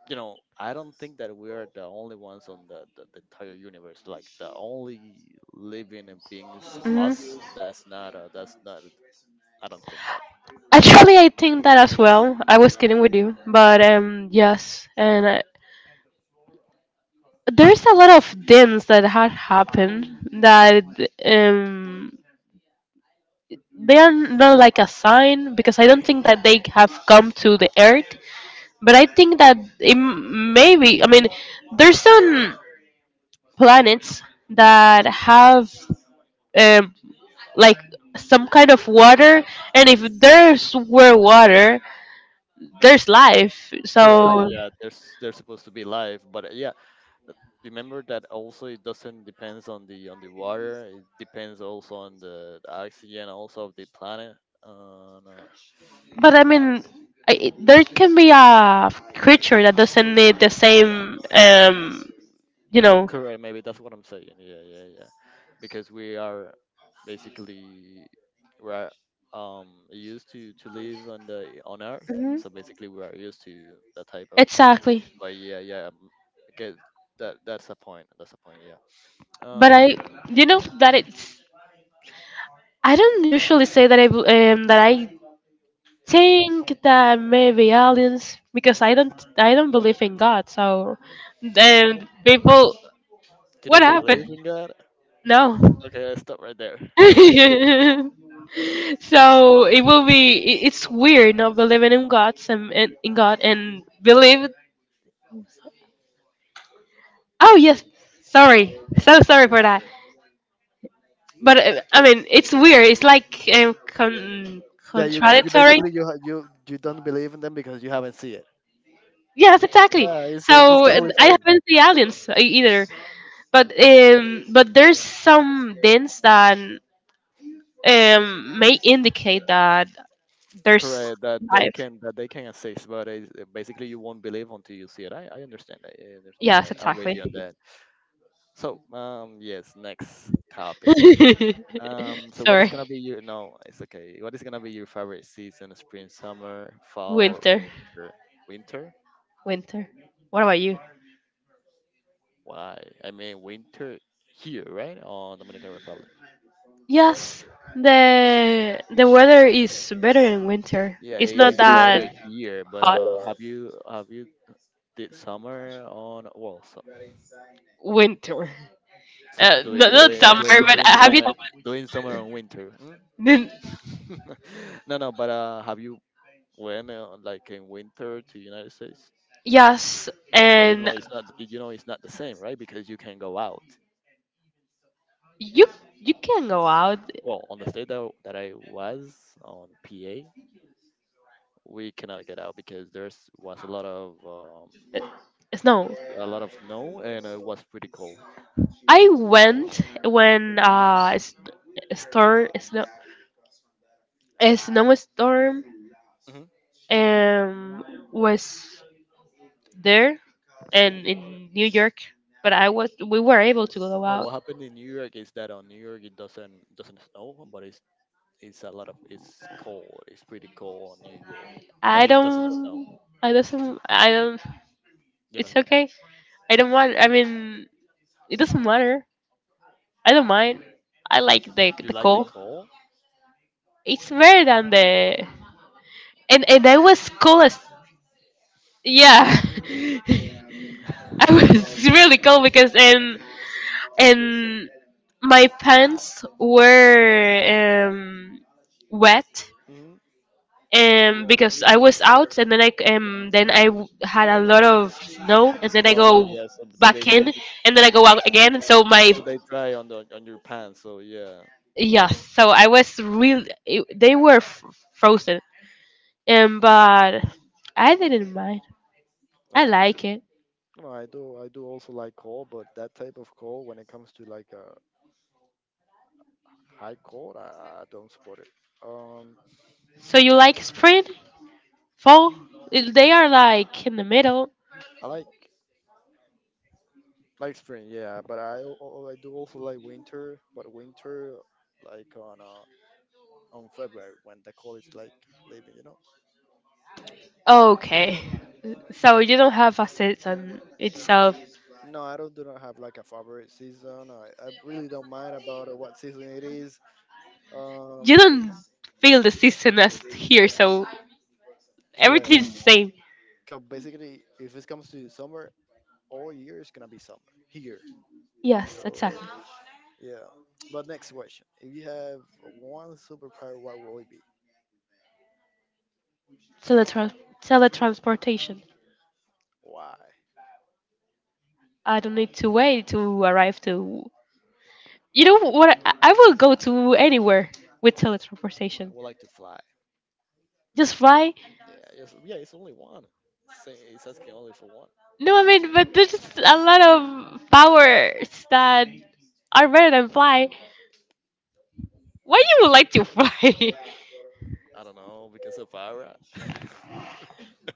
S1: you know, I don't think that we are the only ones on the entire universe. Like the only living and beings
S2: mhm.
S1: us. That's not a. That's not. I don't think that.
S2: Actually, I think that as well. I was kidding with you, but yes, and I, there's a lot of things that had happened that um they are not like a sign because I don't think that they have come to the earth, but I think that it maybe I mean there's some planets that have um, like some kind of water, and if there's were water, there's life.
S1: Correct.
S2: So,
S1: Yeah, there's supposed to be life, but yeah, remember that also it doesn't depends on the water. It depends also on the oxygen also of the planet. No,
S2: but I mean, I, there can be a creature that doesn't need the
S1: yeah.
S2: same, you know,
S1: Correct, maybe that's what I'm saying. Yeah, yeah, yeah. Because we are basically we're used to live on the on Earth, so
S2: hmm
S1: basically we are used to that type of.
S2: exactly.
S1: But yeah, yeah, because that's a point. That's a point. Yeah.
S2: But I,
S1: Um,
S2: you know, that it's. I don't usually say that I that I think that maybe aliens because I don't believe in God. So, people.
S1: you
S2: What
S1: don't
S2: happened?
S1: believe in God?
S2: No. *laughs*
S1: Okay, stop right there. Continue.
S2: So it will be. It's weird not believing in God and believe. Oh yes. Sorry. So sorry for that. But I mean, it's weird. It's like
S1: Yeah, you
S2: contradictory.
S1: basically you ha- you don't believe in them because you haven't seen it.
S2: Yes, exactly.
S1: Yeah, it's
S2: So
S1: totally
S2: I
S1: fine.
S2: haven't seen aliens either, but there's some hints that may indicate that there's
S1: Correct, that they
S2: life.
S1: can that they can assist, but basically you won't believe until you see it. I understand that. I understand
S2: Yes,
S1: that. I'm with
S2: exactly.
S1: you on that. So, yes, next topic.
S2: *laughs*
S1: So what is
S2: Sorry,
S1: gonna be your no? It's okay. What is gonna be your favorite season? Spring, summer, fall, or
S2: winter,
S1: winter? Winter?
S2: winter. What about you?
S1: Why? I mean, winter here, right? On Dominican Republic.
S2: Yes, the weather is better in winter.
S1: Yeah,
S2: It's
S1: it
S2: not
S1: is better
S2: that
S1: here, but
S2: hot
S1: have you did summer on well.
S2: winter.
S1: So do
S2: Not,
S1: it, do
S2: not
S1: it,
S2: summer,
S1: do it,
S2: but have you?
S1: doing summer and winter. Mm?
S2: Then—
S1: *laughs* No, no, but have you went like in winter to United States?
S2: Yes,
S1: Yeah, but you
S2: and
S1: know it's not, you know it's not the same, right? Because you can go out.
S2: you you can go out.
S1: Well, on the state that I was on PA, we cannot get out because there's was
S2: Uh, Snow.
S1: a lot of snow and it was pretty cold.
S2: I went when storm, snow, a snowstorm
S1: Hmm.
S2: um, was there and in New York, but I was we were able to go
S1: No,
S2: out.
S1: what happened in New York is that on New York it doesn't snow, but it it's a lot of it's cold. It's pretty cold on New York, but
S2: I
S1: it doesn't snow.
S2: don't. I doesn't. I don't.
S1: You
S2: It's
S1: don't.
S2: okay. I don't want. I mean, it doesn't matter. I don't mind. I like the
S1: You
S2: the
S1: like the
S2: cold.
S1: cold?
S2: It's better than the and I was cold as yeah.
S1: Hmm.
S2: *laughs* I was really cold because and my pants were wet
S1: Hmm.
S2: because I was out and then I then I had a lot of snow
S1: *laughs*
S2: and then I
S1: Snow,
S2: go
S1: yes. They
S2: back
S1: basically
S2: in and then I go out again and so my
S1: so they dry on the on your pants. So yeah.
S2: yeah so I
S1: Okay,
S2: was they were frozen but I didn't mind I
S1: that's great.
S2: like it
S1: No, I do. I do also like cold, but that type of cold, when it comes to like a high cold, I don't support it. Um,
S2: so you like spring fall they are like in the middle.
S1: I like spring, yeah, but I do also like winter, but winter like on February when the college like leaving, you know.
S2: Okay. So you don't have a sense on itself.
S1: No, I don't do not have like a favorite season. I really don't mind about what season it is. Um,
S2: You don't feel the season as here, so everything
S1: correct.
S2: is the same.
S1: Cause basically, if it comes to summer, all year is gonna be summer here.
S2: Yes,
S1: So
S2: exactly.
S1: yeah. But next question: if you have one superpower, what will it be?
S2: Teletrans- teletransportation.
S1: Why?
S2: I don't need to wait to arrive to. You know what? I will go to anywhere with teletransportation.
S1: I would like to fly.
S2: Just fly?
S1: Yeah, yes, yeah, it's only one. Say- It's asking only for one.
S2: No, I mean, but there's just a lot of powers that are better than fly. Why
S1: I,
S2: you would like to fly?
S1: I don't know because of Ara.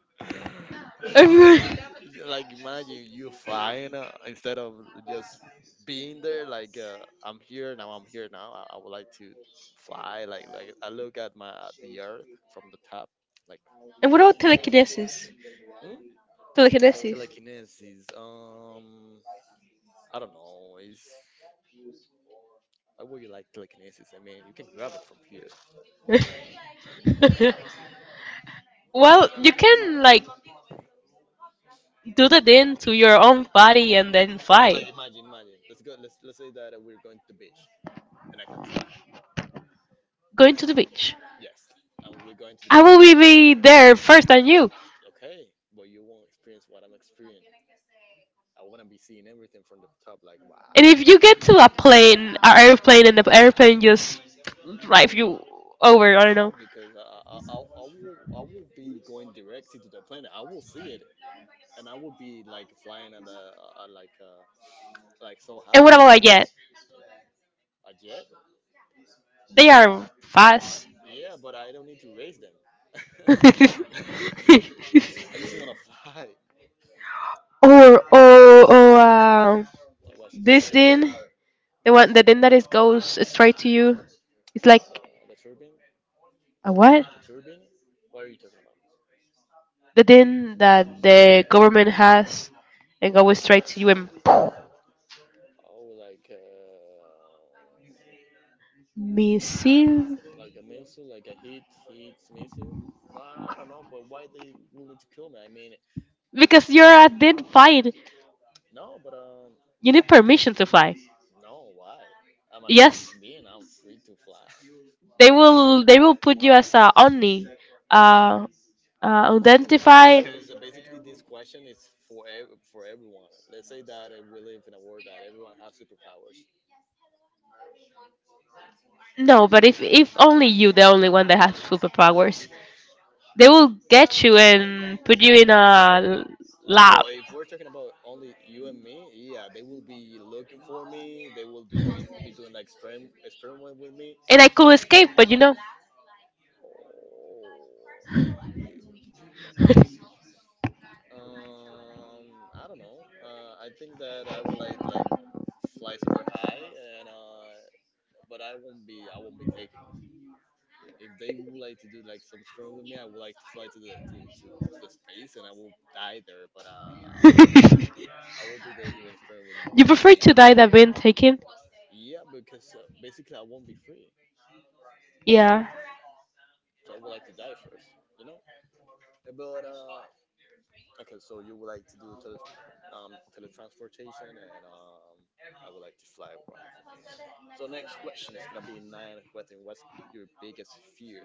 S1: *laughs*
S2: *laughs* And
S1: Yeah, like imagine you flying instead of just being there like I'm here now I would like to fly like I look at my at the earth from the top like wow
S2: what
S1: that.
S2: about telekinesis?
S1: Hmm?
S2: Telekinesis.
S1: Telekinesis I don't know is I would you like telekinesis. I mean you can grab it from here.
S2: *laughs* Well, you can like do the thing to your own body and then
S1: Like
S2: fly.
S1: imagine imagine, let's say that we're going to the beach and I can fly.
S2: Going to the beach.
S1: Yes, and we're going to the
S2: I
S1: beach.
S2: will be there first than you.
S1: Okay, but you won't experience what I'm experiencing. I want to be seeing everything from the top, like
S2: And
S1: wow.
S2: if you get to a plane, an airplane, and the airplane just drive you over, I
S1: Oh,
S2: don't.
S1: because I will be going directly to the planet. I will see it, and I will be like flying at the like so
S2: And high. What
S1: high.
S2: happy about like, yet?
S1: A jet.
S2: They are fast.
S1: Yeah, but I don't need to raise them. *laughs* I just want to fly.
S2: *laughs* Or or
S1: Like, what, super
S2: this
S1: strength?
S2: din, the one the din that is goes straight to you. It's like
S1: The turbine,
S2: a what?
S1: turbine. What are you talking about?
S2: The din that the government has and goes straight to you and
S1: Oh,
S2: missile
S1: like a missile, like a hit, hits missile. I don't know, but why they willing to kill me? I mean,
S2: because you're a din fight.
S1: no, but
S2: You need permission to fly.
S1: no, why? I'm a human
S2: Yes,
S1: being. I'm free to fly. *laughs*
S2: they will. They will put you as a only, uh,
S1: No,
S2: identified.
S1: because basically this question is for everyone. Let's say that we live in a world that everyone has superpowers.
S2: No, but if only you, the only one that has superpowers, they will get you and put you in a l- lab.
S1: Well, if we're talking about only you and me, yeah, they will be looking for me. They will do be doing like experiment experiment with me.
S2: And I could escape, but you know,
S1: Oh, yeah. I don't know. I think that I would like fly super high, and but I won't be taking it. If they would like to do like some experiment with me, I would like to fly to the to the space, and I will die there. But I will not
S2: *laughs*
S1: I will be there doing experiment
S2: you
S1: with,
S2: prefer to die than being taken.
S1: yeah, because basically I won't be free,
S2: Yeah,
S1: so I would like to die first, you know. But okay, so you would like to do teletransportation, and I would like to fly. Wonderful. So next question is gonna be nine. What thing? What's your biggest fear?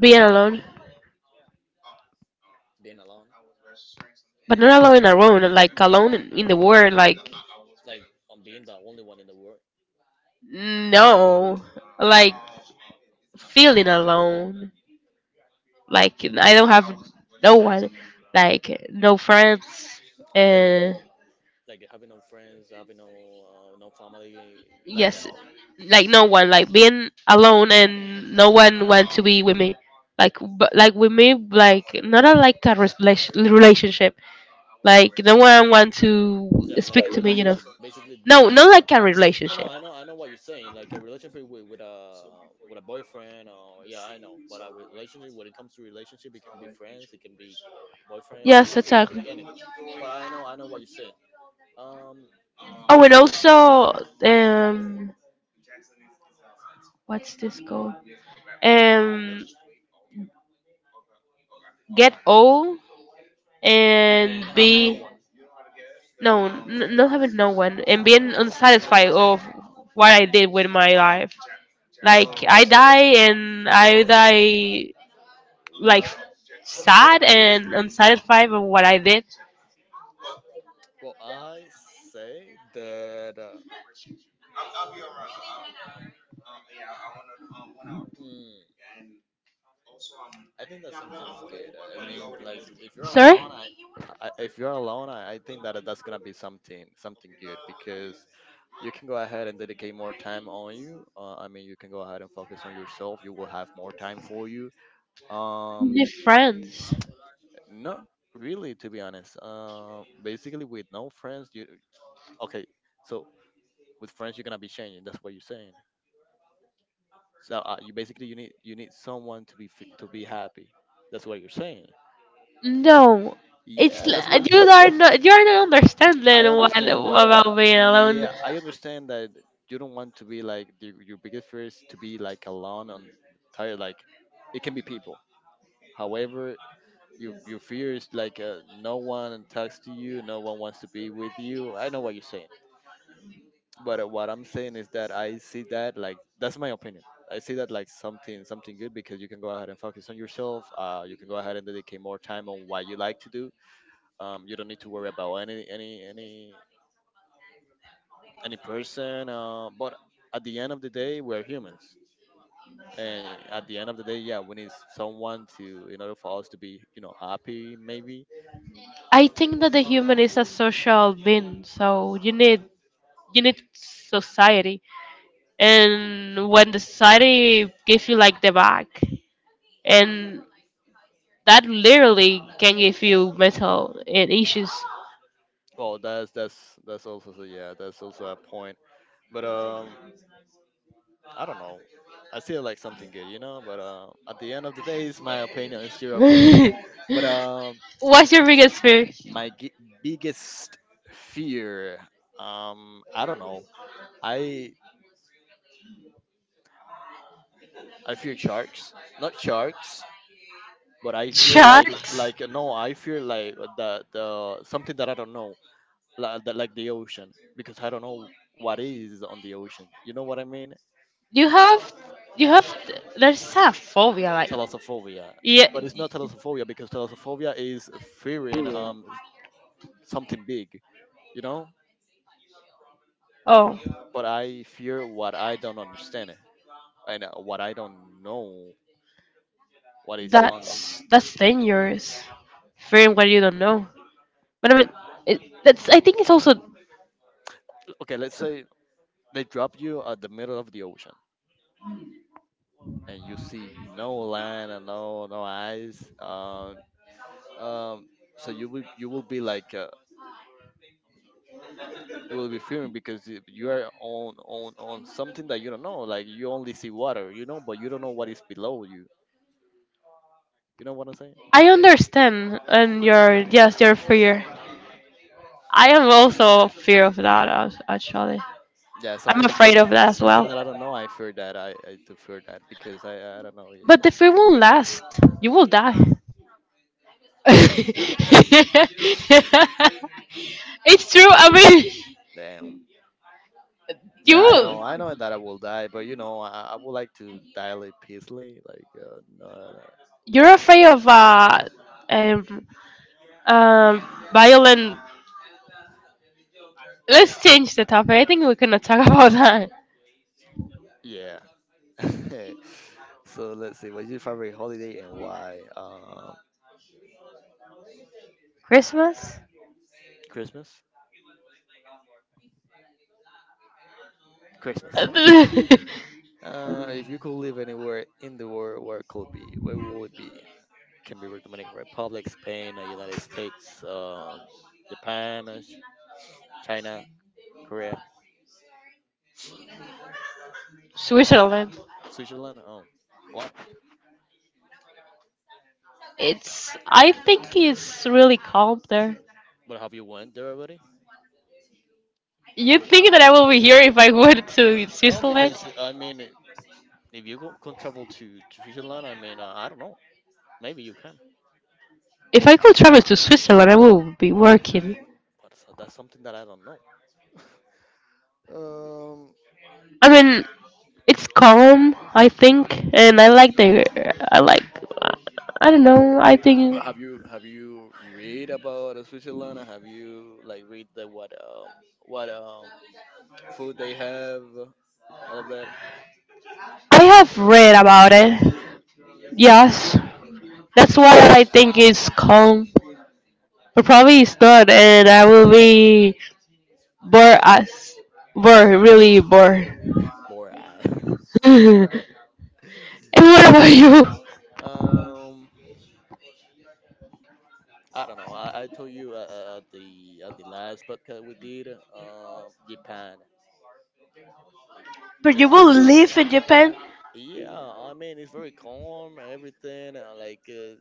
S2: being alone.
S1: Being alone,
S2: But not alone alone, like alone in the world, like
S1: like on being the only one in the world.
S2: no, like feeling alone, like I don't have no one, like no friends,
S1: Okay,
S2: and
S1: like having no friends, having no no family, like that.
S2: yes, like no one, like being alone and no one want to be with me, like but like with me, like not a, like a relationship, like no one want to
S1: Yeah, like
S2: speak
S1: a
S2: to me, you
S1: relationship.
S2: know,
S1: Basically,
S2: no, not like a
S1: no, no,
S2: relationship.
S1: I know what you're saying. Like a relationship with, with a boyfriend, or yeah, I know. But a relationship, when it comes to relationship, it can be friends, it can be boyfriends, it
S2: Yes,
S1: can be
S2: girlfriend,
S1: anything.
S2: exactly.
S1: But I know what you're saying. Um,
S2: Oh, um, and also, um, what's this called? Um, get old and
S1: and having no
S2: be
S1: one.
S2: no, not having no one and being unsatisfied of what I did with my life. Like
S1: Oh.
S2: I die and I die like sad and unsatisfied of what I did.
S1: Well, I say that mm, I think that something's good. I mean, like if you're
S2: Sorry,
S1: alone, I if you're alone, I think that that's gonna be something something good because you can go ahead and dedicate more time on you. I mean, you can go ahead and focus on yourself. You will have more time for you. Um,
S2: the friends.
S1: not really, to be honest. Basically, with no friends, you, okay. So with friends, you're gonna be changing. That's what you're saying. So you basically you need someone to to be happy. That's what you're saying.
S2: No, it's
S1: Yeah, that's what that's.
S2: you are not
S1: I
S2: understanding what
S1: understand what.
S2: about being alone.
S1: Yeah, I understand that you don't want to be like the, your biggest fear is to be like alone on tired. Like it can be people. However, your fear is like no one talks to you, no one wants to be with you. I know what you're saying. But what I'm saying is that I see that like that's my opinion. I see that like something something good because you can go ahead and focus on yourself. You can go ahead and dedicate more time on what you like to do. You don't need to worry about any any person. But at the end of the day, we're humans, and at the end of the day, yeah, we need someone to in order for us to be, you know, happy maybe.
S2: I think that the human is a social being, so you need society. And when the society gives you like the back, and that literally can give you mental and issues.
S1: Well, that's that's also so yeah, that's also a point. But I don't know. I still like something good, you know. But at the end of the day, it's my
S2: The day,
S1: opinion. It's
S2: it's
S1: your
S2: my
S1: opinion.
S2: opinion,
S1: But
S2: sure. *laughs* What's your biggest fear? My
S1: my gi- biggest fear, I don't know. I I fear sharks, not sharks, but I fear like no, I fear like the something that I don't know, like the ocean, because I don't know what is on the ocean. You know what I mean?
S2: you have, you have. There's a phobia like.
S1: Thalassophobia.
S2: Yeah. But
S1: But
S2: it's
S1: it's not
S2: not
S1: thalassophobia because thalassophobia is fearing something big, you know.
S2: oh.
S1: But
S2: What
S1: I fear what I don't understand and what I don't know. What is on?
S2: that's dangerous. Fearing what you don't know. But I mean, it, that's. I think it's also.
S1: Okay, let's say they drop you at the middle of the ocean and you see no land and no no eyes. Um, so you will be like. You will be fearing because if you are on, on something that you don't know. Like you only see water, you know, but you don't know what is below you. You know what I'm saying?
S2: I understand, and your yes, your fear. I am also fear of that actually.
S1: Yeah,
S2: I'm
S1: something
S2: afraid of that as
S1: something
S2: well.
S1: that I don't know. I fear that I do fear that because I don't know.
S2: But
S1: Yeah.
S2: the fear won't last. You will die. *laughs* It's true. I mean,
S1: Damn.
S2: you
S1: Yeah, I
S2: will.
S1: know. I know that I will die, but you know, I would like to die like peacefully. Like, no, no.
S2: You're afraid of um, um, violent. Let's change the topic. I think we cannot talk *laughs* about that.
S1: Yeah. *laughs* So let's see. What's your favorite holiday and why?
S2: Christmas.
S1: Christmas. Christmas.
S2: *laughs*
S1: If you could live anywhere in the world, where it could be? Where will it be? Can be Dominican Republic, Spain, United States, Japan, China. Korea,
S2: Switzerland.
S1: Switzerland. Oh, what?
S2: It's. I think it's really calm there.
S1: But have you went there already?
S2: You think that I will be here if I went to
S1: No,
S2: Switzerland?
S1: because I mean, if you go, can travel to Switzerland, I mean, I don't know. Maybe you can,
S2: If I could travel to Switzerland, I will be working.
S1: but that's something that I don't know. Um,
S2: I mean, it's calm, I think, and I like the. I like. I don't know. I
S1: but
S2: think
S1: have you read about Switzerland? Have you like read the what food they have, all of that?
S2: I have read about it. Yes, that's why I think it's calm, but probably it's not, and I will be bored as bored, really bored.
S1: *sighs* Boy, I. *laughs*
S2: *laughs* And what about you?
S1: Um, I don't know. I told you at the last podcast we did, Japan
S2: But
S1: because
S2: you will live in Japan
S1: yeah, I mean it's very calm. Everything like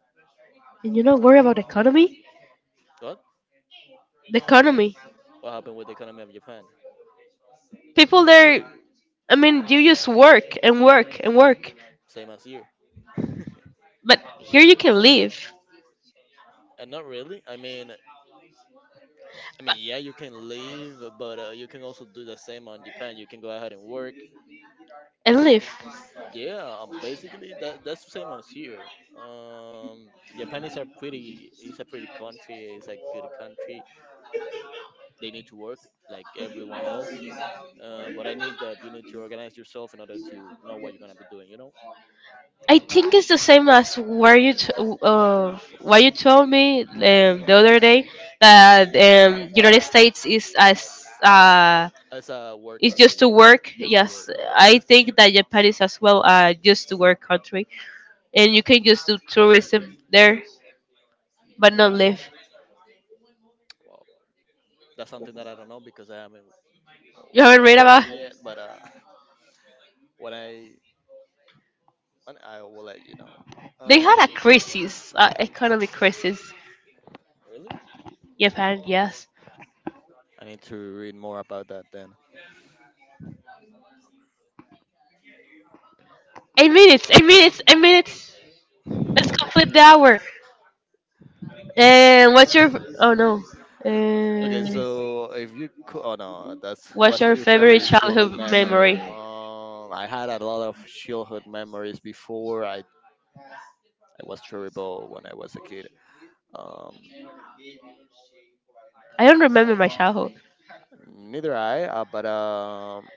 S2: and you don't worry about economy?
S1: what?
S2: The economy.
S1: What happened with the economy of Japan?
S2: People there, I mean, you just work and work and work.
S1: Same as here. *laughs* And
S2: But here you can live
S1: not really. I mean, yeah, you can leave, but you can also do the same on Japan. You can go ahead and work.
S2: and live.
S1: Yeah, basically that's the same as here. Um, Japan is a pretty country. It's a good country. They need to work like everyone else. But I need that you need to organize yourself in order to know what you're gonna be doing.
S2: I think it's the same as where you what you told me the other day that United States is as
S1: It's a work
S2: is just
S1: country,
S2: to
S1: just to,
S2: work.
S1: yeah. Just to, yes, work,
S2: Yes,
S1: yeah.
S2: I think that Japan is as well just to work country, and you can just do tourism there, but not live.
S1: Wow, that's something that I don't know because I haven't
S2: You
S1: Mhm.
S2: haven't
S1: gone
S2: read
S1: there
S2: about?
S1: yet. But *laughs* when I when I will let you know.
S2: They
S1: Um,
S2: had a crisis, economic crisis.
S1: really?
S2: Japan, yes.
S1: I need to read more about that then.
S2: 8 minutes. 8 minutes. 8 minutes. Let's complete the hour. And what's your oh no?
S1: Okay,
S2: And
S1: so if you could, oh no, that's
S2: what's
S1: what's
S2: your
S1: your
S2: favorite
S1: favorite childhood
S2: childhood
S1: memory?
S2: memory?
S1: I had a lot of childhood memories before. I was terrible when I was a kid. Um,
S2: I don't remember my childhood.
S1: neither I. But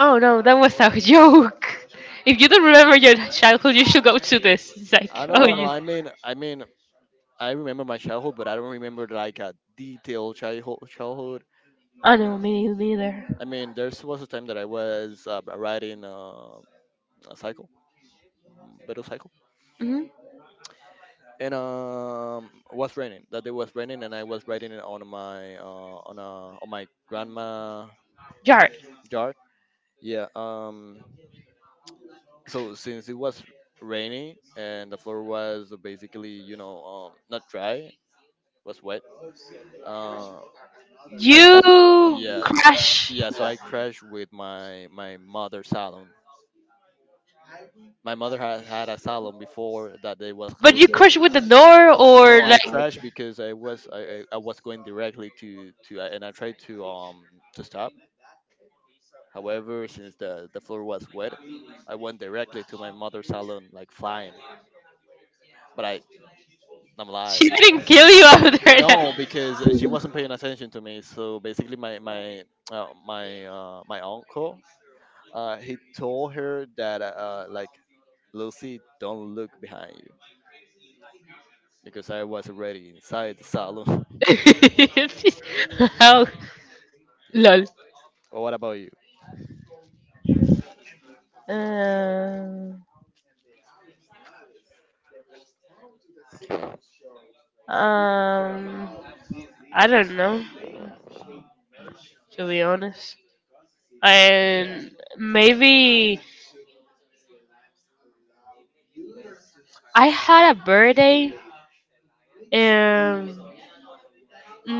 S2: Oh no, that was a *laughs* joke. If you don't remember your childhood, you should go to this. It's like
S1: I don't
S2: oh
S1: know. No,
S2: you.
S1: I mean, I remember my childhood, but I don't remember like a detailed childhood. Childhood.
S2: Oh no, me neither.
S1: I mean, there was a time that I was riding a cycle, battle cycle,
S2: Mm-hmm.
S1: and it was raining. That day was raining, and I was riding it on my on a on my grandma
S2: Jared,
S1: yard. Yeah. So since it was rainy and the floor was basically, you know, not dry, was wet. Uh, I
S2: you
S1: Yeah,
S2: crash,
S1: yeah. So I crashed with my mother's salon. My mother had had a salon before that day was
S2: but
S1: closed.
S2: you crash with the door
S1: No, no,
S2: or
S1: I
S2: like
S1: crashed because I was going directly to and I tried to stop. However, since the floor was wet, I went directly to my mother's salon like flying. But I I'm alive.
S2: she didn't kill you after
S1: No,
S2: that.
S1: because she wasn't paying attention to me. So basically, my uncle, he told her that like Lucy, don't look behind you because I was already inside the salon. *laughs*
S2: *laughs* How?
S1: yeah.
S2: Lol.
S1: Well, what about you?
S2: Um, um, I don't know, to be honest. And maybe I had a birthday um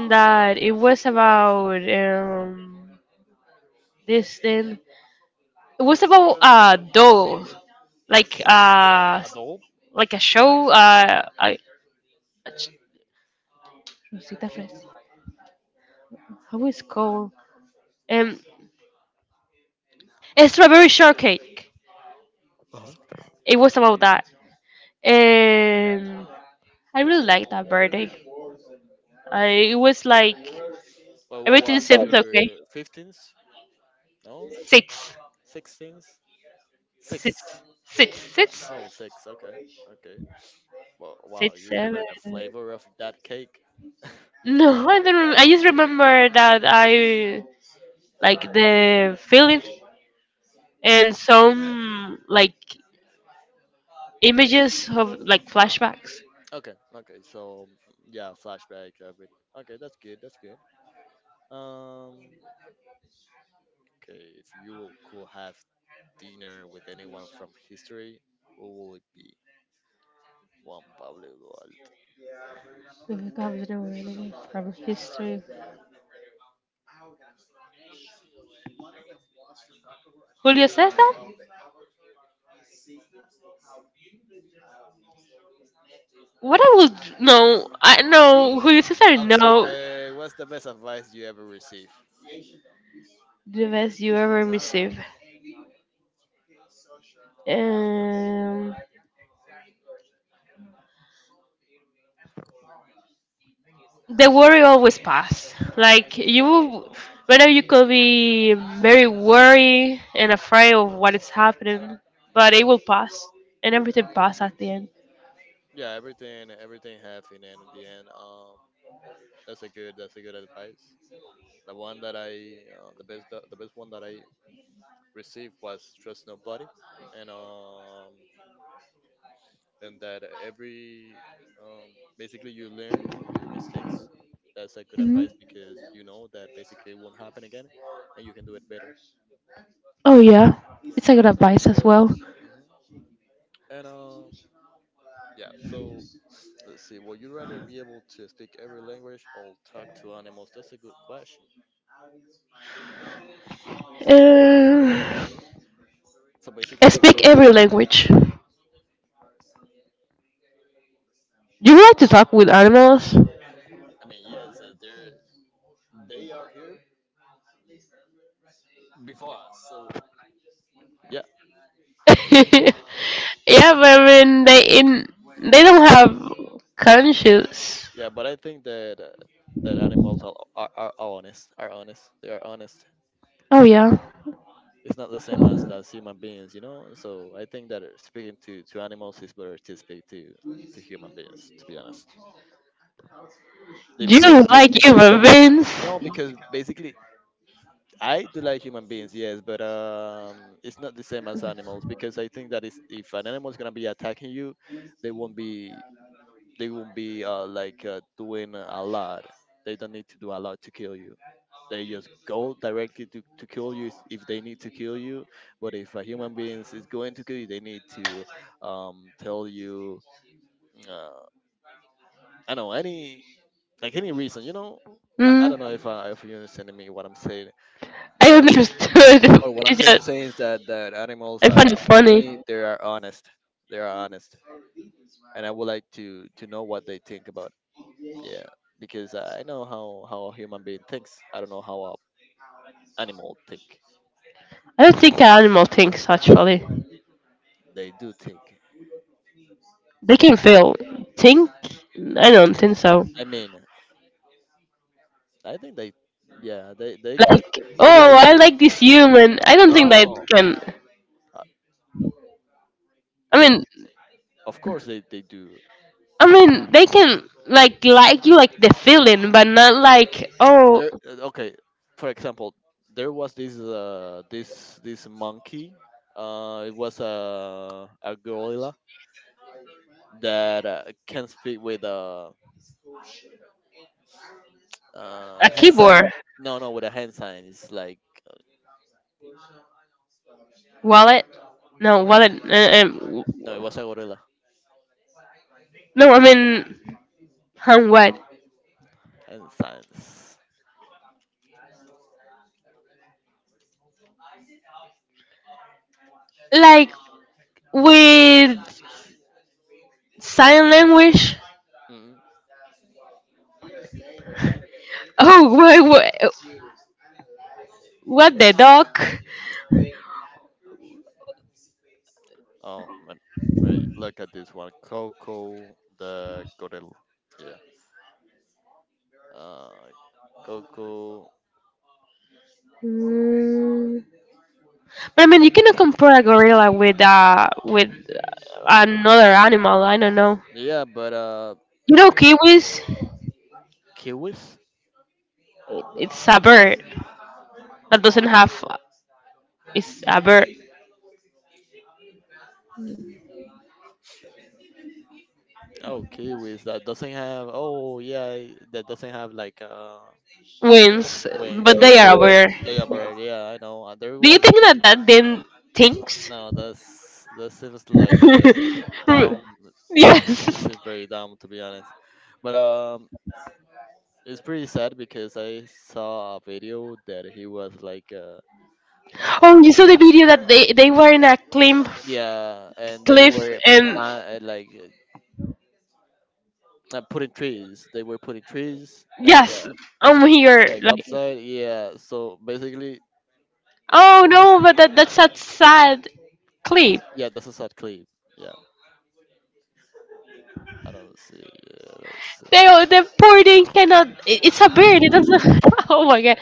S2: that it was about this thing. It was about a doll like uh
S1: Adult.
S2: like a show I cosita fresca. How is it called um a strawberry shortcake.
S1: Uh-huh.
S2: It was about that and I really liked that birthday. I, it was like
S1: Well, what
S2: everything but
S1: was
S2: seems okay.
S1: your 15th? No?
S2: Six,
S1: 16th?
S2: six,
S1: Six.
S2: six, six,
S1: Oh, six. Okay. Okay. Well, wow,
S2: six,
S1: you
S2: seven.
S1: remember the flavor of that cake?
S2: No, *laughs* I don't. I just remember that I like the feeling and some like images of like flashbacks.
S1: *laughs* okay. Okay. So, yeah, flashback of. Okay, that's good. That's good. Um, okay. If you will- could have dinner with anyone from history, who will it be? Juan Pablo Duarte.
S2: From history. Julio says that? What I would know, I know who your sister
S1: Okay,
S2: know
S1: what's the best advice you ever received?
S2: the best you ever receive. Um, the worry always pass. Whether you could be very worried and afraid of what is happening, but it will pass, and everything pass at the end.
S1: Yeah, everything, everything happened, and in the end, that's a good advice. The one that the best one that I received was trust nobody, and um, and that every, basically you learn from your mistakes. That's a good advice because you know that basically it won't happen again, and you can do it better.
S2: Oh
S1: Um,
S2: yeah,
S1: yeah.
S2: it's a good advice as well.
S1: Mhm. And yeah, so let's see. Would you rather be able to speak every language or talk to animals? That's a good question.
S2: Uh,
S1: So basically,
S2: speak
S1: we,
S2: every language. Do you like to talk with animals?
S1: I mean, yes, they are here before us. So yeah,
S2: *laughs* Yeah, but I mean they in they don't have conscience.
S1: yeah. But I think that that animals are, are honest. Are honest. They are honest.
S2: Oh yeah.
S1: It's not the same as human beings, you know. So I think that speaking to animals is better to speak to human beings. To be honest,
S2: Do
S1: if they,
S2: you
S1: you know,
S2: like
S1: because
S2: human beings?
S1: no, because basically. I do like human beings, yes, but it's not the same as animals because I think that is if an animal is gonna be attacking you, they won't be they won't be doing a lot. They don't need to do a lot to kill you. They just go directly to kill you if they need to kill you. But if a human being is going to kill you, they need to tell you uh, I don't know any like any reason. You know, I
S2: Mm,
S1: don't know if if you're understanding me what I'm saying,
S2: I
S1: but uh.
S2: don't understood.
S1: But what
S2: *laughs*
S1: I'm
S2: It's
S1: trying to
S2: just,
S1: say is that animals,
S2: I find it
S1: for
S2: funny.
S1: me, they are honest. They are honest, and I would like to know what they think about. Yeah, because I know how a human being thinks. I don't know how a animal think.
S2: I don't think an animal thinks actually.
S1: They do think.
S2: They can feel. Think? I don't think so.
S1: I mean, I think they, yeah, they can.
S2: Like,
S1: It
S2: oh,
S1: like
S2: I like this human. I don't think they
S1: no,
S2: can.
S1: uh,
S2: I
S1: you know,
S2: mean,
S1: of course they do.
S2: I mean, they can like you like the feeling, but not like oh,
S1: Okay, for example, there was this monkey. It was a gorilla that can speak with a
S2: a
S1: hand sign.
S2: keyboard,
S1: No, no, with a hand sign. It's like uh,
S2: wallet. No, wallet.
S1: no, it was a gorilla.
S2: No, I mean hand what?
S1: Hand signs.
S2: Like with sign language.
S1: Mm.
S2: Oh, *laughs* what? What the dog?
S1: Oh man, wait, look at this one. Coco the gorilla. Yeah. Uh, Coco.
S2: Mm. But I mean, you cannot compare a gorilla with another animal. I don't know.
S1: Yeah, but
S2: You know, kiwis.
S1: kiwis.
S2: It's a bird that doesn't have. It's a bird.
S1: Oh, kiwis that doesn't have. Oh, yeah, that doesn't have like
S2: Wins,
S1: wings.
S2: but they
S1: Yeah,
S2: are aware.
S1: they are bird. Yeah, I know. There
S2: Do you
S1: was.
S2: think that that then thinks?
S1: No, that's that seems like dumb.
S2: *laughs*
S1: It
S2: Yes.
S1: seems very dumb to be honest. But it's pretty sad because I saw a video that he was like uh
S2: Oh, you saw the video that they were in a cliff,
S1: yeah, and they
S2: cliff,
S1: were
S2: and
S1: like putting trees. They were putting trees
S2: yes, I'm here.
S1: like
S2: Like,
S1: upside. Yeah. So basically, uh,
S2: oh no, but that that's a sad clip.
S1: yeah, that's a sad clip. Yeah, I don't see. Yeah, let's see.
S2: They all— the poor thing cannot. It's a bird. It doesn't. *laughs* Oh my god.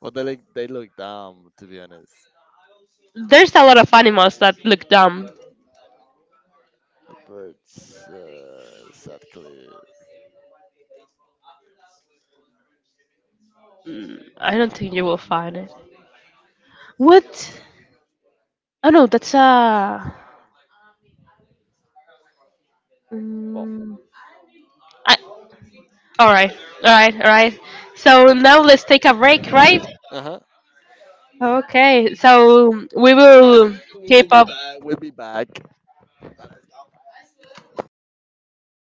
S1: But they look dumb to be honest.
S2: There's a lot of animals that look dumb.
S1: But sadly,
S2: Mm, I don't think you will find it. What? Oh no, that's a.
S1: well,
S2: Mm, I, all right, all right, all right. So now let's take a break, right?
S1: uh huh.
S2: Okay. So we will
S1: We will
S2: keep
S1: be
S2: up
S1: back. We'll be back.